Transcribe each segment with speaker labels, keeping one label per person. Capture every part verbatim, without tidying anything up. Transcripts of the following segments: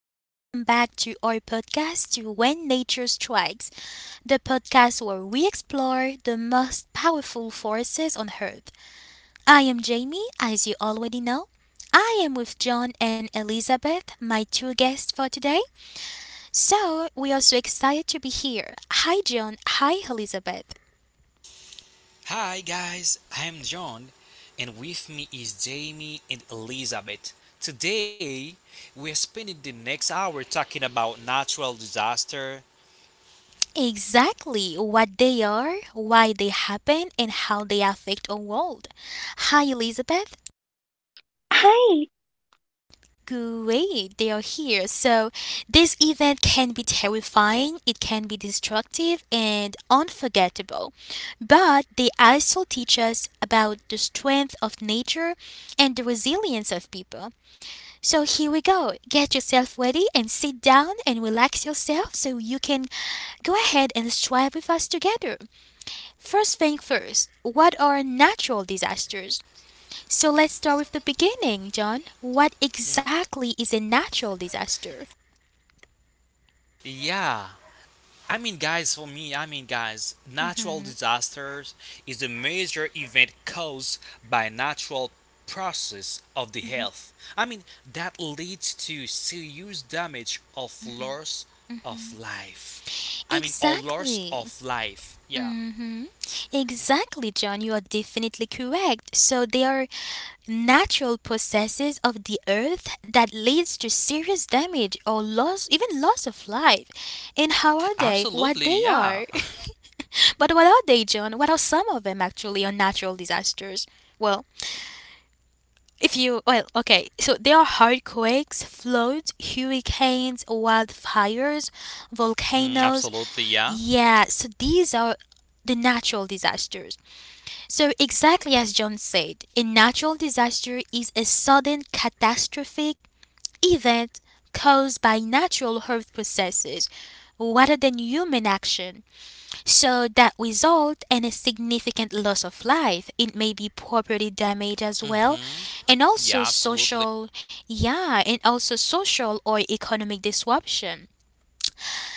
Speaker 1: Welcome back to our podcast to When Nature Strikes, the podcast where we explore the most powerful forces on earth. I am Jamie, as you already know. I am with John and Elizabeth, my two guests for today. So, we are so excited to be here. Hi John, hi Elizabeth.
Speaker 2: Hi guys, I'm John, and with me is Jamie and Elizabeth. Today, we're spending the next hour talking about natural disaster.
Speaker 1: Exactly what they are, why they happen, and how they affect our world. Hi Elizabeth.
Speaker 3: Hi.
Speaker 1: Great, they are here. So, this event can be terrifying, it can be destructive and unforgettable. But they also teach us about the strength of nature and the resilience of people. So, here we go. Get yourself ready and sit down and relax yourself so you can go ahead and strive with us together. First thing first, what are natural disasters? So let's start with the beginning, John. What exactly is a natural disaster?
Speaker 2: Yeah, I mean, guys, for me, I mean, guys, natural disasters is a major event caused by natural process of the health. I mean, that leads to serious damage of loss of life. I mean, or loss
Speaker 1: Exactly.
Speaker 2: of life. Yeah.
Speaker 1: Exactly, John. You are definitely correct. So they are natural processes of the earth that leads to serious damage or loss, even loss of life. And how are they?
Speaker 2: Absolutely,
Speaker 1: What they
Speaker 2: yeah.
Speaker 1: are? But what are they, John? What are some of them actually are natural disasters? Well, If you, well, Okay, so there are earthquakes, floods, hurricanes, wildfires,
Speaker 2: Mhm.
Speaker 1: volcanoes.
Speaker 2: Absolutely, yeah.
Speaker 1: Yeah, so these are the natural disasters. So, exactly as John said, a natural disaster is a sudden catastrophic event caused by natural earth processes rather than human action so that result in a significant loss of life. It may be property damage as well,
Speaker 2: hmm
Speaker 1: and also
Speaker 2: Yeah, absolutely.
Speaker 1: social, yeah, and also social or economic disruption.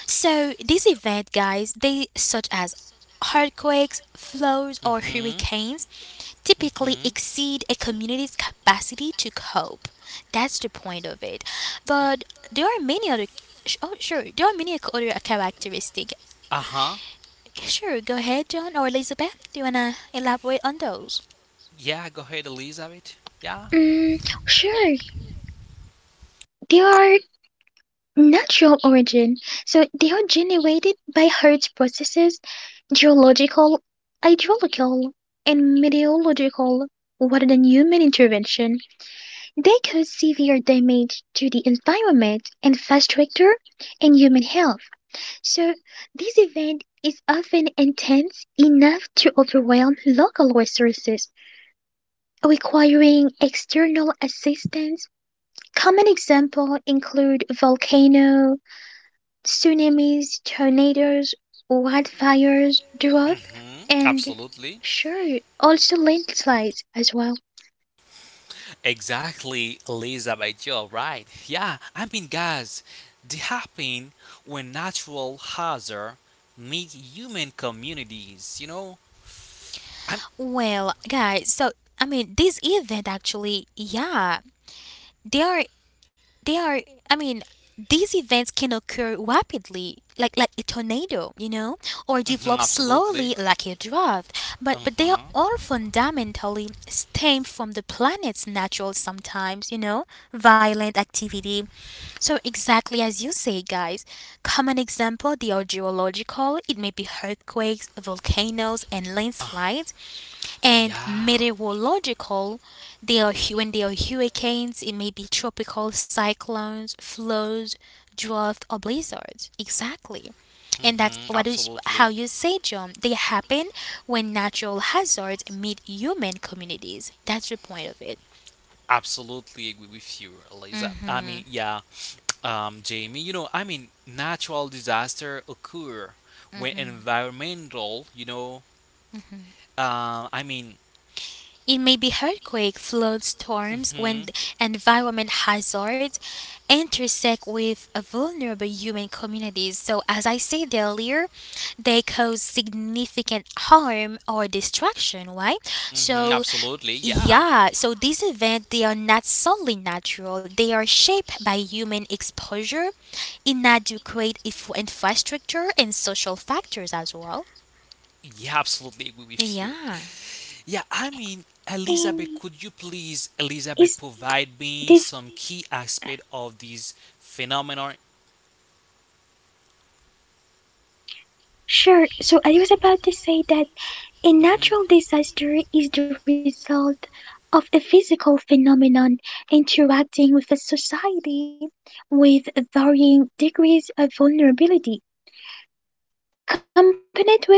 Speaker 1: So these events, guys, they such as earthquakes, floods, or
Speaker 2: hmm
Speaker 1: hurricanes typically
Speaker 2: hmm
Speaker 1: exceed a community's capacity to cope. That's the point of it. But there are many other. Oh, sure. There are many other characteristics.
Speaker 2: Uh huh.
Speaker 1: Sure, go ahead, John or Elizabeth. Do you wanna elaborate on those?
Speaker 2: Yeah, go ahead, Elizabeth. Yeah.
Speaker 3: Mm, sure. They are natural origin. So they are generated by Earth's processes, geological, hydrological, and meteorological, rather than human intervention. They cause severe damage to the environment, infrastructure, and human health. So this event is often intense enough to overwhelm local resources, requiring external assistance. Common examples include volcanoes, tsunamis, tornadoes, wildfires, droughts,
Speaker 2: hmm
Speaker 3: and
Speaker 2: Absolutely.
Speaker 3: sure, also landslides as well.
Speaker 2: Exactly, Elizabeth, you're right. Yeah, I mean, guys, they happen when natural hazard meet human communities, you know? I'm
Speaker 1: Well, guys, so I mean, this event actually, yeah, they are they are i mean these events can occur rapidly like like a tornado, you know, or
Speaker 2: Mhm,
Speaker 1: develop
Speaker 2: absolutely.
Speaker 1: slowly like a drought, but but they are
Speaker 2: Uh-huh.
Speaker 1: all fundamentally stem from the planet's natural, sometimes, you know, violent activity. So exactly as you say, guys, common example, they are geological, it may be earthquakes, volcanoes, and
Speaker 2: Uh,
Speaker 1: landslides, and
Speaker 2: yeah.
Speaker 1: meteorological, they are hu- when they are hurricanes, it may be tropical cyclones, floods, drought, or blizzards, exactly. And that's
Speaker 2: Hmm
Speaker 1: what is, how
Speaker 2: absolutely.
Speaker 1: you say, John, they happen when natural hazards meet human communities. That's the point of it.
Speaker 2: Absolutely agree with you, Eliza. I mean, yeah, um, Jamie, you know, I mean, natural disaster occur when environmental, you know, uh, I mean,
Speaker 1: It may be earthquake, flood, storms,
Speaker 2: mhm.
Speaker 1: when environment hazards intersect with vulnerable human communities. So, as I said earlier, they cause significant harm or destruction, right?
Speaker 2: Hmm
Speaker 1: So,
Speaker 2: absolutely. Yeah.
Speaker 1: yeah, so these events they are not solely natural. They are shaped by human exposure, inadequate if- infrastructure, and social factors as well.
Speaker 2: Yeah, absolutely agree with you.
Speaker 1: Yeah.
Speaker 2: Yeah, I mean, Elizabeth,
Speaker 3: Um,
Speaker 2: could you please, Elizabeth,
Speaker 3: is
Speaker 2: provide me
Speaker 3: this
Speaker 2: some key aspect of this phenomenon?
Speaker 3: Sure? So I was about to say that a
Speaker 2: hmm
Speaker 3: natural disaster is the result of a physical phenomenon interacting with a society with varying degrees of vulnerability. Component risk of it.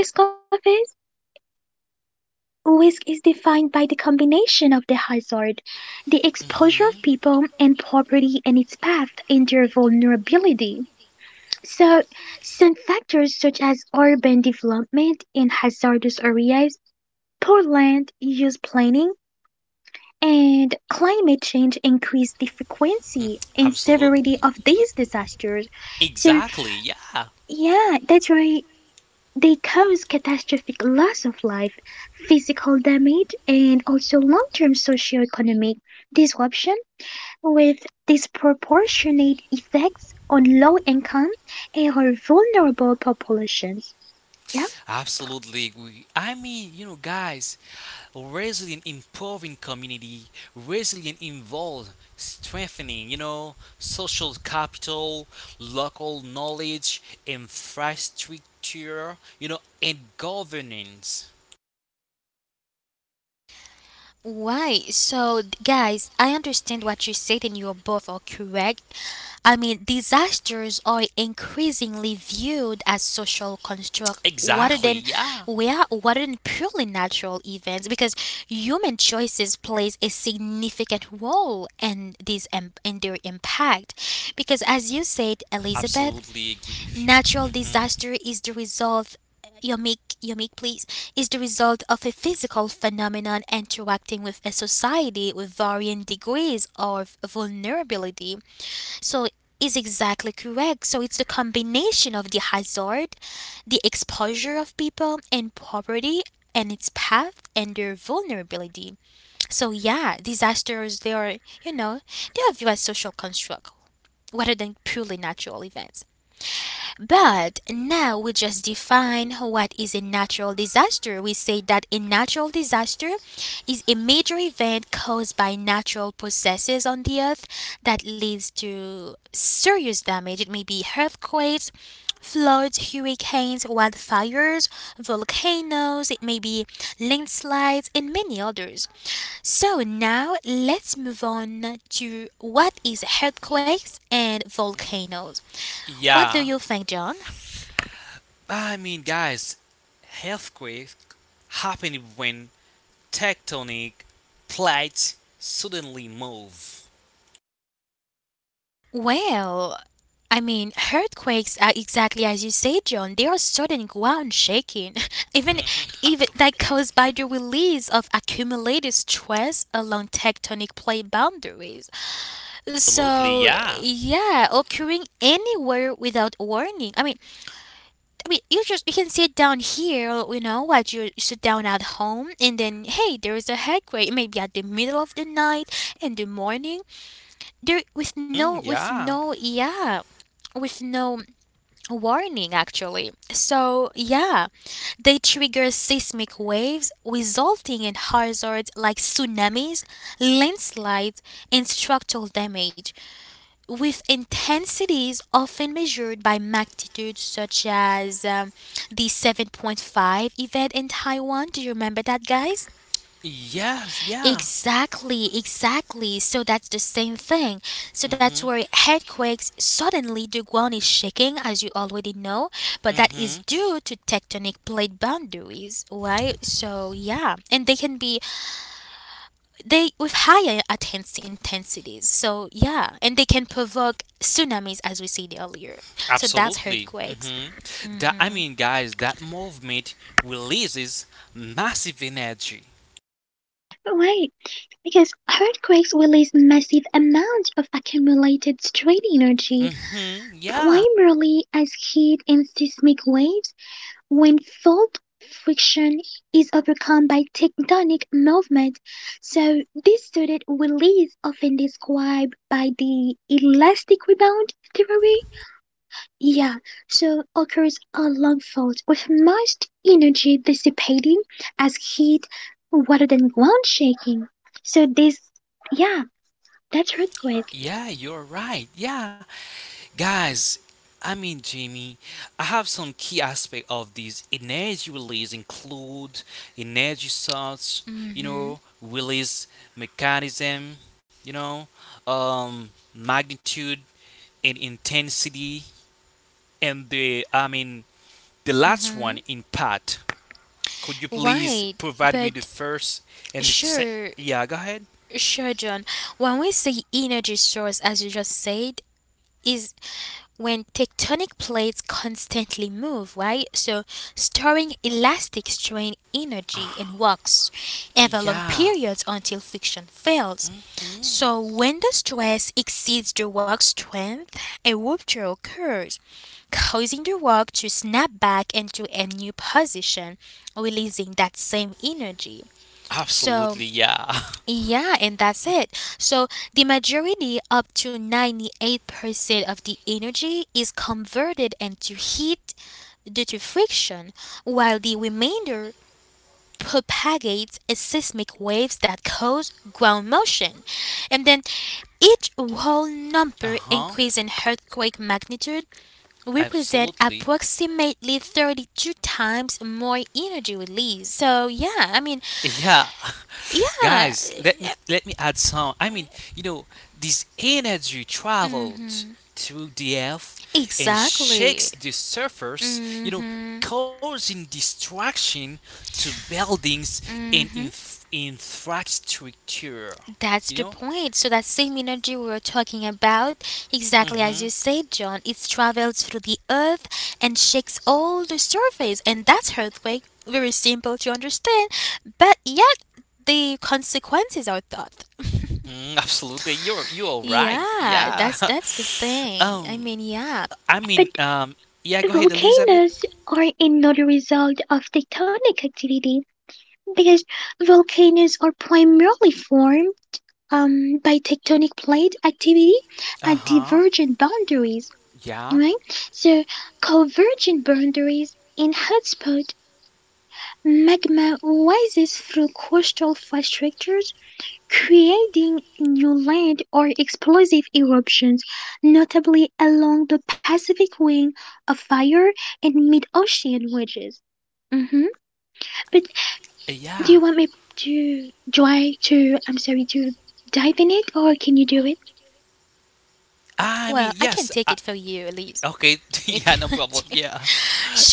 Speaker 3: Risk is defined by the combination of the hazard, the exposure of people
Speaker 2: hmm
Speaker 3: and property, and its path and their vulnerability. So, some factors such as urban development in hazardous areas, poor land use planning, and climate change increase the
Speaker 2: Mm,
Speaker 3: frequency and severity
Speaker 2: absolutely.
Speaker 3: of these disasters. So,
Speaker 2: Exactly. Yeah.
Speaker 3: yeah, that's right. They cause catastrophic loss of life, physical damage, and also long term socioeconomic disruption with disproportionate effects on low income and or vulnerable populations. Yep,
Speaker 2: Absolutely. We, I mean, you know, guys, resilient improving community, resilient involved strengthening, you know, social capital, local knowledge, infrastructure, you know, and governance.
Speaker 1: Why? So, d- guys, I understand what you said, and you are both are correct. I mean, disasters are increasingly viewed as social construct rather
Speaker 2: Exactly.
Speaker 1: than
Speaker 2: Yeah.
Speaker 1: we are rather than purely natural events because human choices plays a significant role in these em- in their impact, because as you said, Elizabeth,
Speaker 2: Absolutely agree with you.
Speaker 1: natural
Speaker 2: hmm
Speaker 1: disaster is the result. You make, you make, please, is the result of a physical phenomenon interacting with a society with varying degrees of vulnerability. So is exactly correct. So it's the combination of the hazard, the exposure of people and property and its path and their vulnerability. So yeah, disasters, they are, you know, they are viewed as social construct rather than purely natural events. But now we just define what is a natural disaster. We say that a natural disaster is a major event caused by natural processes on the earth that leads to serious damage. It may be earthquakes, floods, hurricanes, wildfires, volcanoes, it may be landslides, and many others. So now let's move on to what is earthquakes and volcanoes. What do
Speaker 2: Yeah.
Speaker 1: you think, John?
Speaker 2: I mean, guys, earthquake happened when tectonic plates suddenly move.
Speaker 1: Well, I mean, earthquakes are exactly as you say, John. They are sudden ground shaking, even
Speaker 2: Mhm.
Speaker 1: even that
Speaker 2: Absolutely.
Speaker 1: caused by the release of accumulated stress along tectonic plate boundaries.
Speaker 2: Absolutely.
Speaker 1: So
Speaker 2: Yeah.
Speaker 1: yeah, occurring anywhere without warning. I mean, I mean, you just you can sit down here, you know, while you sit down at home, and then hey, there is a earthquake. It may be at the middle of the night, in the morning, there with no,
Speaker 2: Mm,
Speaker 1: with
Speaker 2: yeah.
Speaker 1: no yeah with no warning, actually. So yeah, they trigger seismic waves, resulting in hazards like tsunamis, landslides, and structural damage, with intensities often measured by magnitudes, such as um, the seven point five event in Taiwan. Do you remember that, guys?
Speaker 2: Yes. Yeah.
Speaker 1: Exactly, exactly. So that's the same thing. So that's
Speaker 2: Mhm.
Speaker 1: where earthquakes suddenly the ground is shaking, as you already know, but that is
Speaker 2: Mhm.
Speaker 1: due to tectonic plate boundaries, right? So yeah, and they can be, they with higher intense intensities. So yeah, and they can provoke tsunamis, as we said earlier. So that's
Speaker 2: Absolutely.
Speaker 1: earthquakes.
Speaker 2: Mhm. That I mean, guys, that movement releases massive energy.
Speaker 3: right. Because earthquakes release massive amounts of accumulated strain energy,
Speaker 2: Mhm. Yeah.
Speaker 3: primarily as heat and seismic waves, when fault friction is overcome by tectonic movement, so this student release often described by the elastic rebound theory, yeah, so occurs along fault with most energy dissipating as heat rather than ground shaking. So this, yeah, that's earthquake.
Speaker 2: Yeah, you're right. Yeah. Guys, I mean Jamie, I have some key aspect of these energy release include energy source, you know,
Speaker 1: Mm-hmm.
Speaker 2: release mechanism, you know, um, magnitude and intensity, and the I mean the last one
Speaker 1: Mm-hmm.
Speaker 2: impact. Could you please
Speaker 1: Right,
Speaker 2: provide me the
Speaker 1: but
Speaker 2: first and the se-
Speaker 1: sure.
Speaker 2: yeah? Go ahead.
Speaker 1: Sure, John. When we say energy source, as you just said, is when tectonic plates constantly move, right? So, storing elastic strain energy in rocks over long
Speaker 2: Yeah.
Speaker 1: periods until friction fails. So, when the stress exceeds the rock's strength, a rupture occurs, causing the rock to snap back into a new position, releasing that same energy. So,
Speaker 2: Absolutely, yeah.
Speaker 1: yeah, and that's it. So the majority, up to ninety-eight percent of the energy, is converted into heat due to friction, while the remainder propagates as seismic waves that cause ground motion. And then each whole
Speaker 2: Uh
Speaker 1: number
Speaker 2: huh.
Speaker 1: increase in earthquake magnitude represent
Speaker 2: Absolutely.
Speaker 1: approximately thirty-two times more energy released. So yeah, I mean,
Speaker 2: Yeah.
Speaker 1: yeah,
Speaker 2: Guys, let me let me add some. I mean, you know, this energy traveled through the earth and
Speaker 1: exactly.
Speaker 2: shakes the surface, you know, causing destruction to buildings and inf- infrastructure.
Speaker 1: That's
Speaker 2: You
Speaker 1: the
Speaker 2: know?
Speaker 1: point. So that same energy we were talking about, exactly as
Speaker 2: Mhm.
Speaker 1: you said, John, it travels through the earth and shakes all the surface, and that's earthquake. Very simple to understand, but yet the consequences are thought.
Speaker 2: Mm, absolutely. You're you're right.
Speaker 1: Yeah,
Speaker 2: Yeah.
Speaker 1: that's that's the thing. I mean,
Speaker 2: um
Speaker 1: yeah.
Speaker 2: I
Speaker 3: But
Speaker 2: mean, um yeah, go ahead, Elizabeth.
Speaker 3: volcanoes are another result of tectonic activity. Because volcanoes are primarily formed um, by tectonic plate activity at
Speaker 2: Uh-huh.
Speaker 3: divergent boundaries,
Speaker 2: Yeah.
Speaker 3: right? So, convergent boundaries in hotspot magma rises through coastal fault structures, creating new land or explosive eruptions, notably along the Pacific Ring of Fire and mid-ocean wedges. Mhm. But do you
Speaker 2: Yeah.
Speaker 3: want me to try to, I'm sorry, to dive in it, or can you do it?
Speaker 2: I
Speaker 1: Well,
Speaker 2: mean,
Speaker 1: I can
Speaker 2: yes.
Speaker 1: take it for you, Elise,
Speaker 2: Okay,
Speaker 1: if
Speaker 2: yeah,
Speaker 1: you
Speaker 2: no
Speaker 1: want
Speaker 2: problem.
Speaker 1: to.
Speaker 2: Yeah,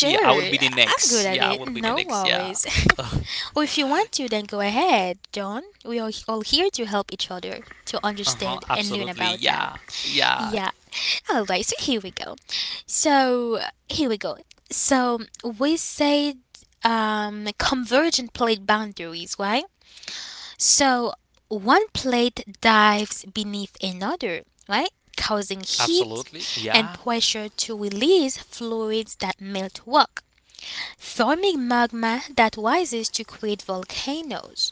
Speaker 2: yeah, I will be the
Speaker 1: I'm good
Speaker 2: next.
Speaker 1: at
Speaker 2: Yeah, I
Speaker 1: it.
Speaker 2: will be the
Speaker 1: No
Speaker 2: next. Yeah.
Speaker 1: worries.
Speaker 2: Uh
Speaker 1: Or if you want to, then go ahead, John. We are all here to help each other to
Speaker 2: huh.
Speaker 1: understand and learn
Speaker 2: Absolutely.
Speaker 1: about that.
Speaker 2: Yeah. Yeah.
Speaker 1: Yeah. Alright, so here we go. So here we go. So we said um, convergent plate boundaries, right? So one plate dives beneath another, right? Causing heat
Speaker 2: Absolutely.
Speaker 1: and
Speaker 2: Yeah.
Speaker 1: pressure to release fluids that melt rock, forming magma that rises to create volcanoes.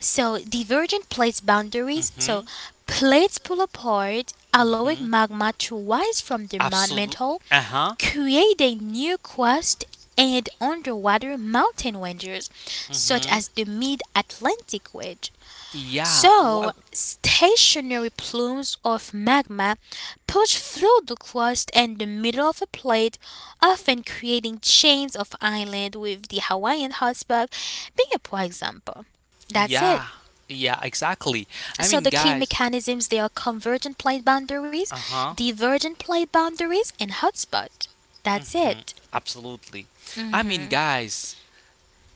Speaker 1: So divergent plates boundaries.
Speaker 2: Mm-hmm.
Speaker 1: So plates pull apart, allowing
Speaker 2: hmm
Speaker 1: magma to rise from the man-
Speaker 2: Absolute.
Speaker 1: mantle,
Speaker 2: Uh-huh.
Speaker 1: creating new crust and underwater mountain ranges, such
Speaker 2: Mm-hmm.
Speaker 1: as the Mid-Atlantic Wedge.
Speaker 2: Yeah.
Speaker 1: So
Speaker 2: What?
Speaker 1: stationary plumes of magma push through the crust and the middle of a plate, often creating chains of islands, with the Hawaiian hotspot being a poor example. That's it.
Speaker 2: Yeah. Yeah. Exactly. I
Speaker 1: So
Speaker 2: mean,
Speaker 1: the key
Speaker 2: guys.
Speaker 1: mechanisms they are convergent plate boundaries,
Speaker 2: Uh-huh.
Speaker 1: divergent plate boundaries, and hotspot. That's
Speaker 2: Mhm.
Speaker 1: it.
Speaker 2: Absolutely. I mean, guys.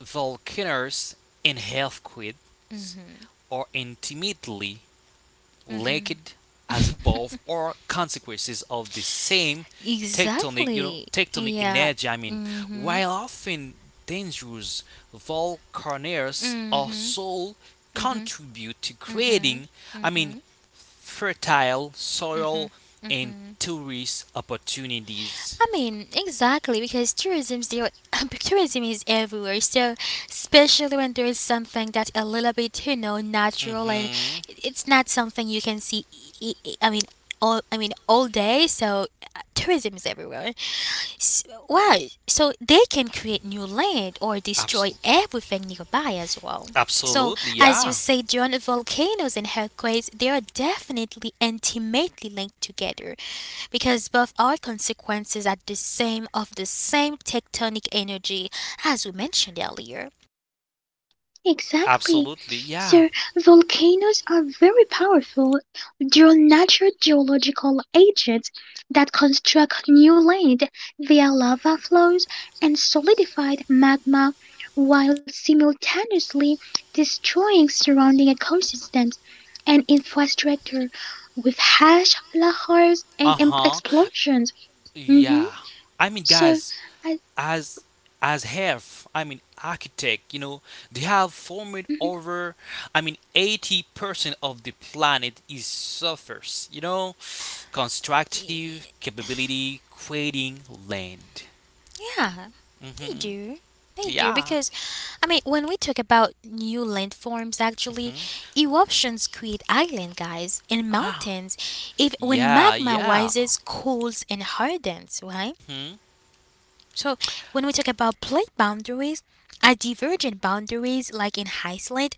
Speaker 2: Volcanoes and earthquakes are intimately linked as both are consequences of the same tectonic, you know,
Speaker 1: Exactly.
Speaker 2: tectonic
Speaker 1: Yeah.
Speaker 2: energy. I mean,
Speaker 1: hmm
Speaker 2: while often dangerous, volcanoes also contribute to creating, I mean, fertile soil and tourist opportunities.
Speaker 1: I mean, exactly because tourism's there. Tourism is everywhere. So especially when there is something that's a little bit, you know, natural and
Speaker 2: hmm
Speaker 1: it's not something you can see. I I- I mean, all I mean all day. So uh, tourism is everywhere. S- Why? So they can create new land or destroy
Speaker 2: Absolutely.
Speaker 1: everything nearby as well. So,
Speaker 2: Absolutely,
Speaker 1: as you
Speaker 2: yeah.
Speaker 1: say, John, volcanoes and earthquakes, they are definitely intimately linked together because both are consequences at the same of the same tectonic energy as we mentioned earlier.
Speaker 3: Exactly.
Speaker 2: Absolutely, yeah.
Speaker 3: So volcanoes are very powerful. They're natural geological agents that construct new land via lava flows and solidified magma while simultaneously destroying surrounding ecosystems and infrastructure with harsh lahars and
Speaker 2: Uh
Speaker 3: em-
Speaker 2: huh.
Speaker 3: explosions. Hmm.
Speaker 2: Yeah. I mean,
Speaker 3: So,
Speaker 2: guys,
Speaker 3: I...
Speaker 2: as as have I mean architect, you know, they have formed
Speaker 3: Mhm.
Speaker 2: over. I mean, eighty percent of the planet is surface. You know, constructive capability creating land.
Speaker 1: Yeah, they
Speaker 2: hmm
Speaker 1: do. They do
Speaker 2: Yeah.
Speaker 1: because, I mean, when we talk about new landforms, actually, eruptions create island guys and
Speaker 2: hmm
Speaker 1: mountains. If when
Speaker 2: Yeah,
Speaker 1: magma
Speaker 2: yeah.
Speaker 1: rises, cools and hardens, right?
Speaker 2: Hmm?
Speaker 1: So when we talk about plate boundaries, at divergent boundaries, like in Iceland,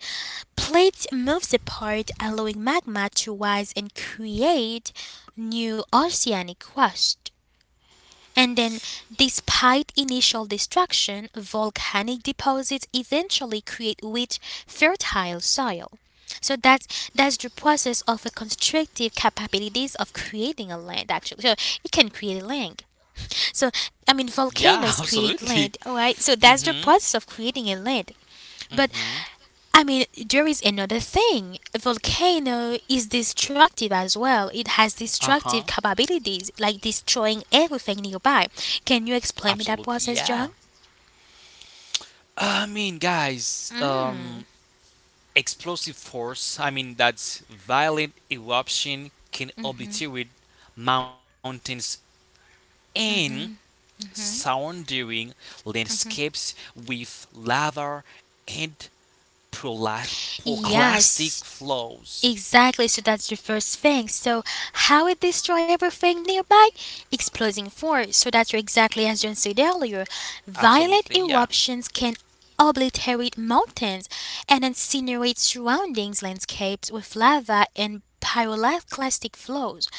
Speaker 1: plates moves apart, allowing magma to rise and create new oceanic crust. And then, despite initial destruction, volcanic deposits eventually create rich, fertile soil. So that's that's the process of the constructive capabilities of creating a land. Actually, so it can create a land. So I mean,
Speaker 2: Yeah,
Speaker 1: volcanoes create
Speaker 2: absolutely.
Speaker 1: land. All right. So that's
Speaker 2: Mm-hmm.
Speaker 1: the process of creating a land. But
Speaker 2: Mm-hmm.
Speaker 1: I mean, there is another thing. A volcano is destructive as well. It has
Speaker 2: Uh-huh.
Speaker 1: destructive capabilities, like destroying everything nearby. Can you explain me that
Speaker 2: Absolutely.
Speaker 1: process,
Speaker 2: Yeah.
Speaker 1: John?
Speaker 2: I mean, guys, um,
Speaker 1: Mm.
Speaker 2: explosive force, I mean, that violent eruption can obliterate mountains and sounding landscapes with lava and prola- pyroclastic
Speaker 1: Yes,
Speaker 2: flows.
Speaker 1: exactly, so that's the first thing. So, how it destroy everything nearby? Exploding force. So, that's exactly as John said earlier. Violent
Speaker 2: Absolutely, yeah.
Speaker 1: eruptions can obliterate mountains and incinerate surroundings landscapes with lava and pyroclastic flows.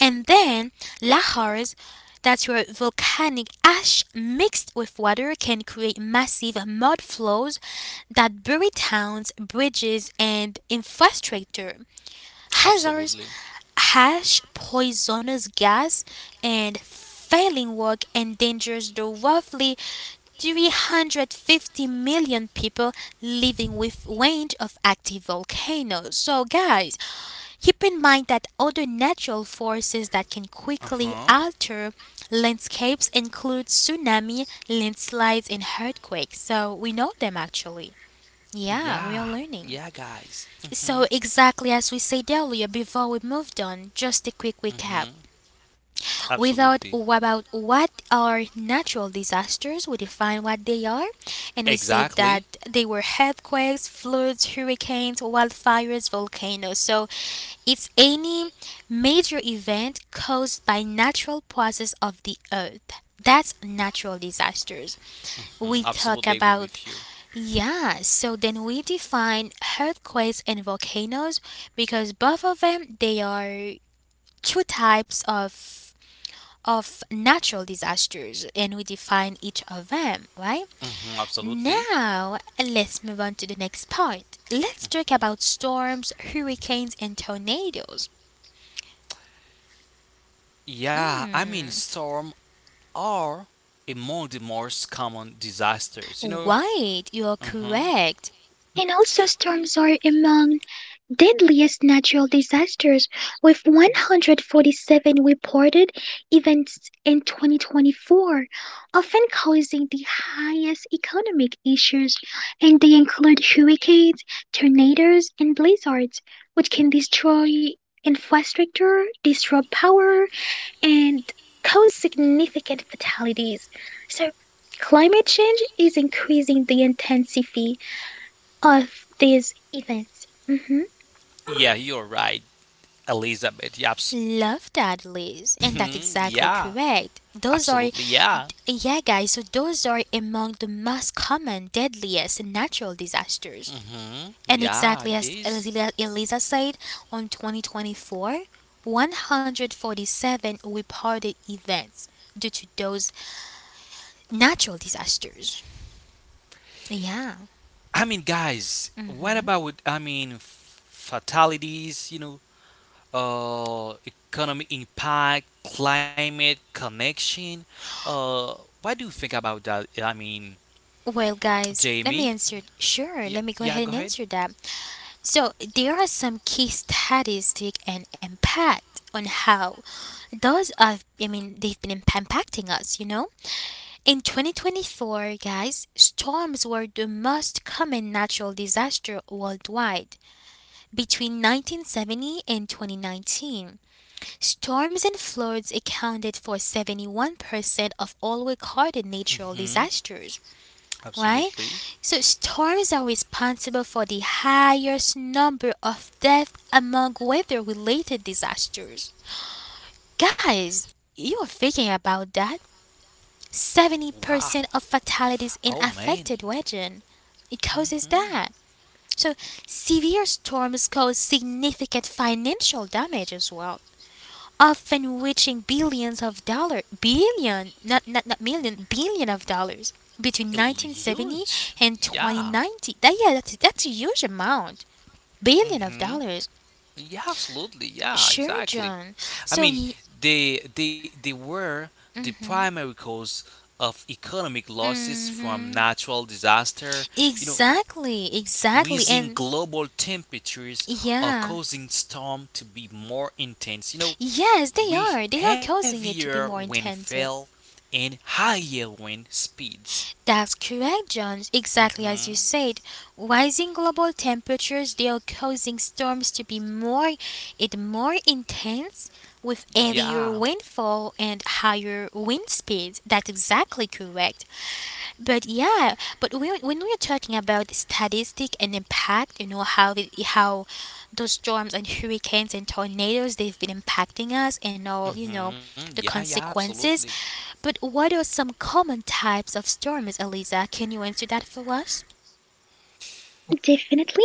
Speaker 1: And then, lahars, that's where volcanic ash mixed with water can create massive mud flows that bury towns, bridges, and infrastructure. Hazards,
Speaker 2: Absolutely.
Speaker 1: ash, poisonous gas, and failing work endangers the roughly three hundred fifty million people living with range of active volcanoes. So guys, keep in mind that other natural forces that can
Speaker 2: Uh
Speaker 1: quickly
Speaker 2: huh.
Speaker 1: alter landscapes include tsunami, landslides and earthquakes. So we know them actually. Yeah,
Speaker 2: Yeah,
Speaker 1: we are
Speaker 2: yeah,
Speaker 1: learning.
Speaker 2: guys.
Speaker 1: So, exactly as we said earlier before we moved on, just a quick
Speaker 2: hmm
Speaker 1: recap.
Speaker 2: Absolutely.
Speaker 1: Without about what are natural disasters, we define what they are, and we said that
Speaker 2: Exactly.
Speaker 1: they were earthquakes, floods, hurricanes, wildfires, volcanoes. So, it's any major event caused by natural process of the earth. That's natural disasters we
Speaker 2: Mhm.
Speaker 1: talk
Speaker 2: Absolutely agree
Speaker 1: about.
Speaker 2: with you.
Speaker 1: Yeah, so then we define earthquakes and volcanoes because both of them they are two types of of natural disasters, and we define each of them, right?
Speaker 2: Hmm absolutely.
Speaker 1: Now let's move on to the next part. Let's talk about storms, hurricanes, and tornadoes.
Speaker 2: Yeah, I mean,
Speaker 1: Mm.
Speaker 2: storm are among the most common disasters, you know?
Speaker 1: Right, you're
Speaker 2: hmm
Speaker 1: correct.
Speaker 3: And also, storms are among deadliest natural disasters, with one hundred forty-seven reported events in twenty twenty-four, often causing the highest economic issues, and they include hurricanes, tornadoes, and blizzards, which can destroy infrastructure, disrupt power, and cause significant fatalities. So, climate change is increasing the intensity of these events. Hmm.
Speaker 2: Yeah, you're right, Elizabeth. Yeah, abs-
Speaker 1: Love that, Liz, and that's
Speaker 2: mhm,
Speaker 1: exactly
Speaker 2: yeah,
Speaker 1: correct. Those are
Speaker 2: absolutely. Yeah,
Speaker 1: Yeah, guys, so those are among the most common, deadliest natural disasters.
Speaker 2: hmm
Speaker 1: And
Speaker 2: yeah,
Speaker 1: exactly
Speaker 2: it
Speaker 1: as
Speaker 2: is.
Speaker 1: Eliza Elisa said, on twenty twenty-four, one hundred forty-seven reported events due to those natural disasters. Yeah.
Speaker 2: I mean, guys, what about, I mean, f- fatalities, you know, uh, economic impact, climate connection. Uh, what do you think about that? I mean,
Speaker 1: Well, guys, let me
Speaker 2: Jamie.
Speaker 1: answer. Sure,
Speaker 2: Yeah,
Speaker 1: let me go
Speaker 2: yeah.
Speaker 1: ahead
Speaker 2: Go
Speaker 1: and
Speaker 2: ahead.
Speaker 1: answer that. So, there are some key statistic and impact on how those have, I mean, they've been imp- impacting us, you know? In twenty twenty-four, guys, storms were the most common natural disaster worldwide. Between nineteen seventy and twenty nineteen, storms and floods accounted for seventy-one percent of all recorded natural
Speaker 2: Mm-hmm.
Speaker 1: disasters. Why?
Speaker 2: Absolutely.
Speaker 1: So, storms are responsible for the highest number of deaths among weather related disasters. Guys, you are thinking about that?
Speaker 2: Wow.
Speaker 1: seventy percent of fatalities
Speaker 2: Oh
Speaker 1: in
Speaker 2: man.
Speaker 1: affected region. It
Speaker 2: Mm-hmm.
Speaker 1: causes that. So severe storms cause significant financial damage as well, often reaching billions of dollars, billion, not, not, not million, billion of dollars between nineteen seventy
Speaker 2: Huge.
Speaker 1: and
Speaker 2: Yeah.
Speaker 1: twenty ninety. That, yeah, that's, that's a huge amount. Billion of
Speaker 2: Mm-hmm.
Speaker 1: dollars.
Speaker 2: Yeah. Absolutely. Yeah.
Speaker 1: Sure,
Speaker 2: Exactly.
Speaker 1: John.
Speaker 2: I
Speaker 1: So,
Speaker 2: mean,
Speaker 1: y-
Speaker 2: they they they were the primary cause of economic losses from
Speaker 1: mhm.
Speaker 2: natural disaster. You know,
Speaker 1: exactly, exactly.
Speaker 2: rising
Speaker 1: And
Speaker 2: global temperatures are
Speaker 1: yeah.
Speaker 2: causing storms to be more intense, you know,
Speaker 1: Yes, they are.
Speaker 2: with
Speaker 1: They are causing it to
Speaker 2: heavier
Speaker 1: be more intense.
Speaker 2: windfall and higher wind speeds.
Speaker 1: That's correct, John. Exactly as you
Speaker 2: hmm
Speaker 1: said. Rising global temperatures, they are causing storms to be more, it more intense, with heavier
Speaker 2: Yeah.
Speaker 1: windfall and higher wind speeds. That's exactly correct. But yeah, but we, when we're talking about statistic and impact, you know how it, how those storms and hurricanes and tornadoes they've been impacting us and all, you know,
Speaker 2: Mm-hmm.
Speaker 1: the
Speaker 2: Yeah, yeah, absolutely.
Speaker 1: consequences. But what are some common types of storms, Eliza? Can you answer that for us?
Speaker 3: Definitely.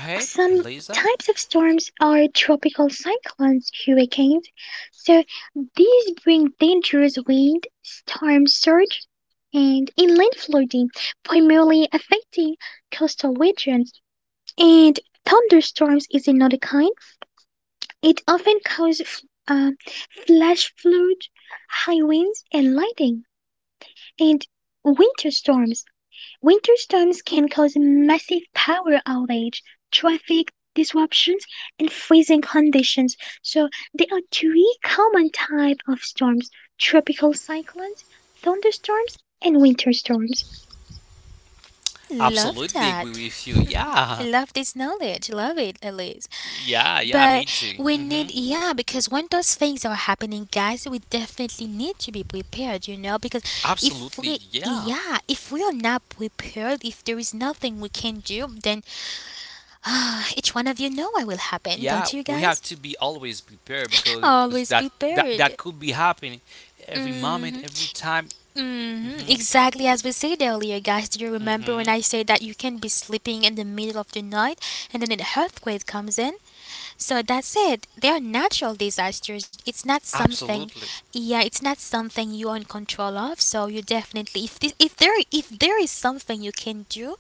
Speaker 2: Go ahead,
Speaker 3: Some
Speaker 2: Eliza.
Speaker 3: types of storms are tropical cyclones, hurricanes. So these bring dangerous wind, storm surge, and inland flooding, primarily affecting coastal regions. And thunderstorms is another kind. It often causes f- uh, flash flood, high winds, and lightning. And winter storms. Winter storms can cause massive power outage, traffic disruptions, and freezing conditions. So there are three common type of storms: tropical cyclones, thunderstorms, and winter storms.
Speaker 1: Love
Speaker 2: Absolutely agree
Speaker 1: that.
Speaker 2: with you. Yeah.
Speaker 1: Love this knowledge. Love it, Elise.
Speaker 2: Yeah, yeah,
Speaker 1: But
Speaker 2: me
Speaker 1: we
Speaker 2: too.
Speaker 1: need,
Speaker 2: Mm-hmm.
Speaker 1: yeah, because when those things are happening, guys, we definitely need to be prepared, you know, because if
Speaker 2: Absolutely,
Speaker 1: we,
Speaker 2: yeah.
Speaker 1: yeah, if we are not prepared, if there is nothing we can do, then ah, each one of you know what will happen, don't you
Speaker 2: Yeah, we
Speaker 1: guys?
Speaker 2: have to be always prepared because
Speaker 1: Always
Speaker 2: that that that
Speaker 1: prepared.
Speaker 2: could be happening every moment,
Speaker 1: Mm-hmm.
Speaker 2: every time.
Speaker 1: Mm-hmm.
Speaker 2: hmm
Speaker 1: Exactly as we said earlier, guys. Do you remember when
Speaker 2: hmm
Speaker 1: I said that you can be sleeping in the middle of the night and then an earthquake comes in? So that's it. They are natural disasters. It's not something,
Speaker 2: Absolutely.
Speaker 1: yeah, it's not something you are in control of. So you definitely, if this, if there, if there is something you can do,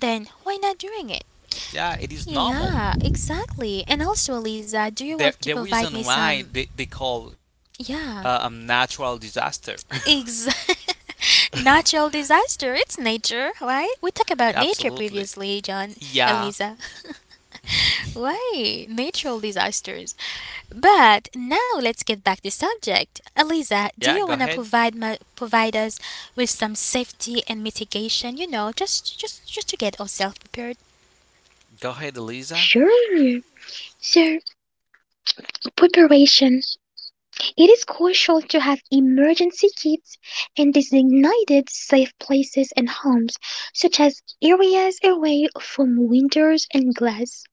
Speaker 1: then why not doing it?
Speaker 2: Yeah, it is normal.
Speaker 1: Yeah, exactly. And also, Lisa, do you
Speaker 2: The
Speaker 1: want to
Speaker 2: the
Speaker 1: provide me
Speaker 2: reason why
Speaker 1: some?
Speaker 2: they they call uh, a
Speaker 1: Yeah.
Speaker 2: natural disaster.
Speaker 1: Ex- natural disaster. It's nature, right? We talked about nature
Speaker 2: Absolutely.
Speaker 1: previously, John,
Speaker 2: Yeah.
Speaker 1: Eliza. Why? Natural disasters. But now let's get back to subject.
Speaker 2: Yeah.
Speaker 1: Eliza,
Speaker 2: Go
Speaker 1: do
Speaker 2: ahead.
Speaker 1: you want to provide my, provide us with some safety and mitigation, you know, just just just to get ourselves prepared?
Speaker 2: Go ahead, Elisa.
Speaker 3: Sure. So, preparation. It is crucial to have emergency kits and designated safe places and homes, such as areas away from windows and glass.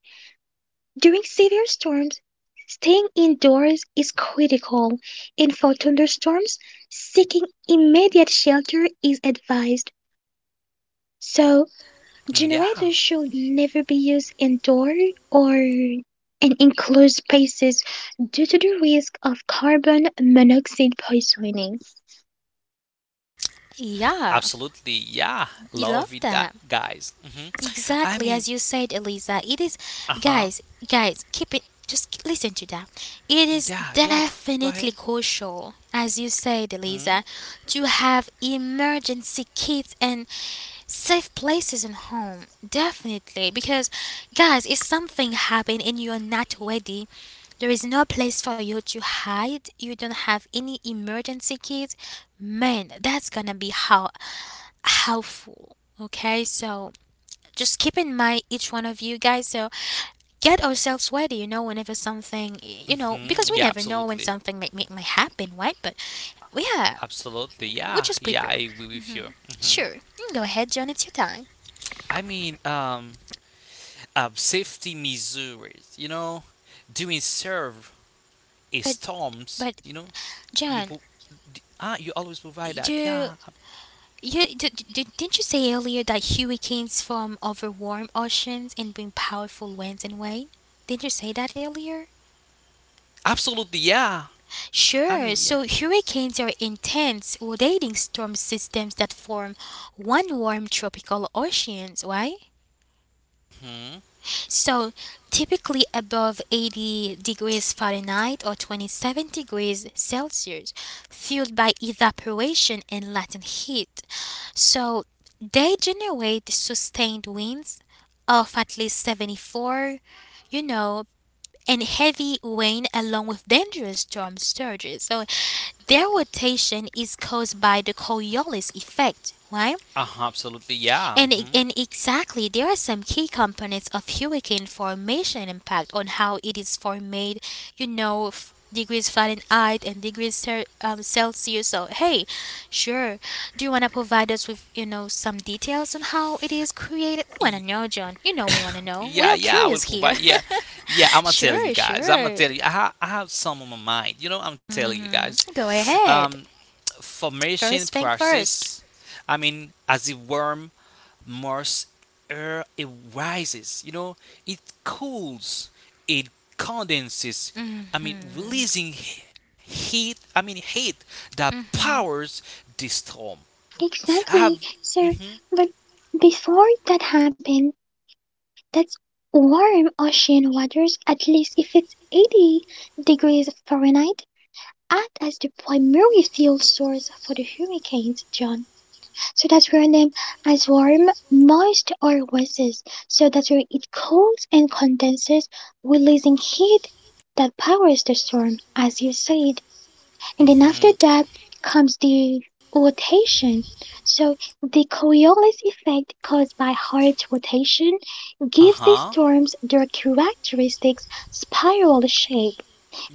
Speaker 3: During severe storms, staying indoors is critical, and for thunderstorms, seeking immediate shelter is advised. So,
Speaker 2: Mm, yeah.
Speaker 3: generators should never be used indoor or in enclosed spaces due to the risk of carbon monoxide poisoning.
Speaker 1: Yeah,
Speaker 2: Absolutely. Yeah.
Speaker 1: you
Speaker 2: Love it,
Speaker 1: love
Speaker 2: that
Speaker 1: that.
Speaker 2: guys. hmm I mean.
Speaker 1: Exactly as you said, Eliza. It is,
Speaker 2: Uh huh.
Speaker 1: guys, guys, keep it, just k- listen to that. It is
Speaker 2: Yeah. Yeah. Go ahead.
Speaker 1: definitely crucial, as you said,
Speaker 2: hmm
Speaker 1: Eliza, to have emergency kits and safe places in home. Definitely. Because, guys, if something happen and you are not ready, there is no place for you to hide. You don't have any emergency kits. Man, that's gonna be how helpful. Okay, so just keep in mind each one of you guys so get ourselves ready, you know, whenever something, you know,
Speaker 2: hmm
Speaker 1: because we
Speaker 2: Yeah.
Speaker 1: never know when
Speaker 2: Absolutely.
Speaker 1: something might, might, might happen, right? But yeah,
Speaker 2: Absolutely. Yeah.
Speaker 1: we're
Speaker 2: Yeah,
Speaker 1: just
Speaker 2: I agree
Speaker 1: prepared.
Speaker 2: with you. hmm
Speaker 1: Sure, you can go ahead, John. It's your time.
Speaker 2: I mean, um, uh, Safety measures, you know, during serve a storms, you
Speaker 1: But
Speaker 2: know, you pro-
Speaker 1: John,
Speaker 2: d- ah, you always provide that. Yeah.
Speaker 1: you
Speaker 2: ab-
Speaker 1: you d- d- didn't you say earlier that hurricanes form over warm oceans and bring powerful winds and rain? Didn't you say that earlier?
Speaker 2: Absolutely. Yeah. I mean, yeah.
Speaker 1: Sure. So hurricanes are intense rotating storm systems that form one warm tropical oceans, right?
Speaker 2: hmm
Speaker 1: So typically above eighty degrees Fahrenheit or twenty-seven degrees Celsius, fueled by evaporation and latent heat. So they generate sustained winds of at least seventy-four, you know, and heavy rain along with dangerous storm surges. So their rotation is caused by the Coriolis effect, right?
Speaker 2: Uh-huh, absolutely. Yeah.
Speaker 1: And, e-
Speaker 2: hmm
Speaker 1: and exactly, there are some key components of hurricane formation impact on how it is formed, you know, f- degrees Fahrenheit and degrees cer- um, Celsius. So, hey, sure, do you want to provide us with, you know, some details on how it is created? We want to
Speaker 2: Y-
Speaker 1: know, John. You know we want to know. We
Speaker 2: Yeah,
Speaker 1: are
Speaker 2: yeah, I will
Speaker 1: curious here.
Speaker 2: provide. Yeah, yeah, I'm gonna tell
Speaker 1: sure,
Speaker 2: you guys. I'm gonna
Speaker 1: sure.
Speaker 2: tell you. I, ha- I have some on my mind. You know, I'm telling you
Speaker 1: hmm
Speaker 2: guys.
Speaker 1: Go ahead.
Speaker 2: Um,
Speaker 1: First
Speaker 2: Formation
Speaker 1: thing first.
Speaker 2: process. I mean, as the warm moist air it rises, you know, it cools, it condenses. I mean, releasing he- heat. I mean, heat that powers the storm. I
Speaker 3: Exactly,
Speaker 2: have.
Speaker 3: sir.
Speaker 2: Mhm.
Speaker 3: But before that happened, that's warm ocean waters, at least if it's eighty degrees Fahrenheit, act as the primary fuel source for the hurricanes, John, so that we are them as warm, moist or oases, so that it cools and condenses, releasing heat that powers the storm, as you said. And then
Speaker 2: Mhm.
Speaker 3: after that comes the rotation. So the Coriolis effect caused by Earth's rotation
Speaker 2: Uh
Speaker 3: gives the
Speaker 2: huh.
Speaker 3: storms their characteristic spiral shape.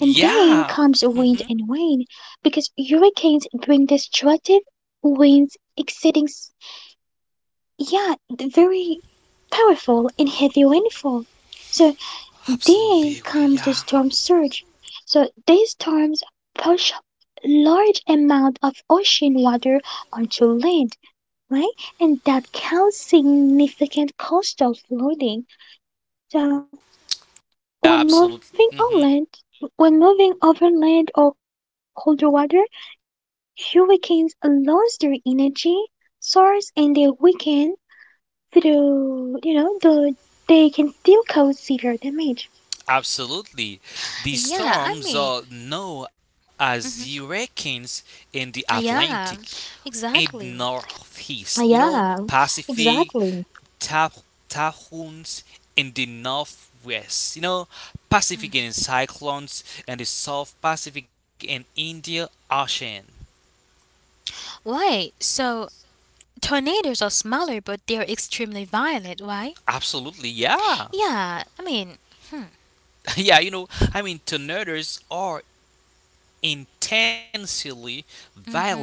Speaker 3: And then comes wind
Speaker 2: Mhm.
Speaker 3: and rain because hurricanes bring destructive winds exceeding, s- yeah, very powerful and heavy rainfall. So then
Speaker 2: Absolutely. We.
Speaker 3: comes the
Speaker 2: Yeah.
Speaker 3: storm surge. So these storms push large amount of ocean water onto land, right? And that causes significant coastal flooding. So, when
Speaker 2: Yeah.
Speaker 3: moving
Speaker 2: Absolutely.
Speaker 3: inland,
Speaker 2: Mhm.
Speaker 3: when moving overland or colder water, hurricanes lose their energy source and they weaken, though you know the they can still cause severe damage.
Speaker 2: Absolutely. These
Speaker 1: Yeah, I
Speaker 2: storms
Speaker 1: mean,
Speaker 2: are known as hurricanes in the Atlantic
Speaker 1: yeah,
Speaker 2: and
Speaker 1: exactly.
Speaker 2: Northeast, you know, Pacific, tap- typhoons in the Northwest, you know, Pacific and cyclones in the South Pacific and India Ocean.
Speaker 1: Why? So, tornadoes are smaller, but they're extremely violent. Why?
Speaker 2: Absolutely, yeah.
Speaker 1: Yeah, I mean,
Speaker 2: Yeah, you know, I mean, tornadoes are intensely violent,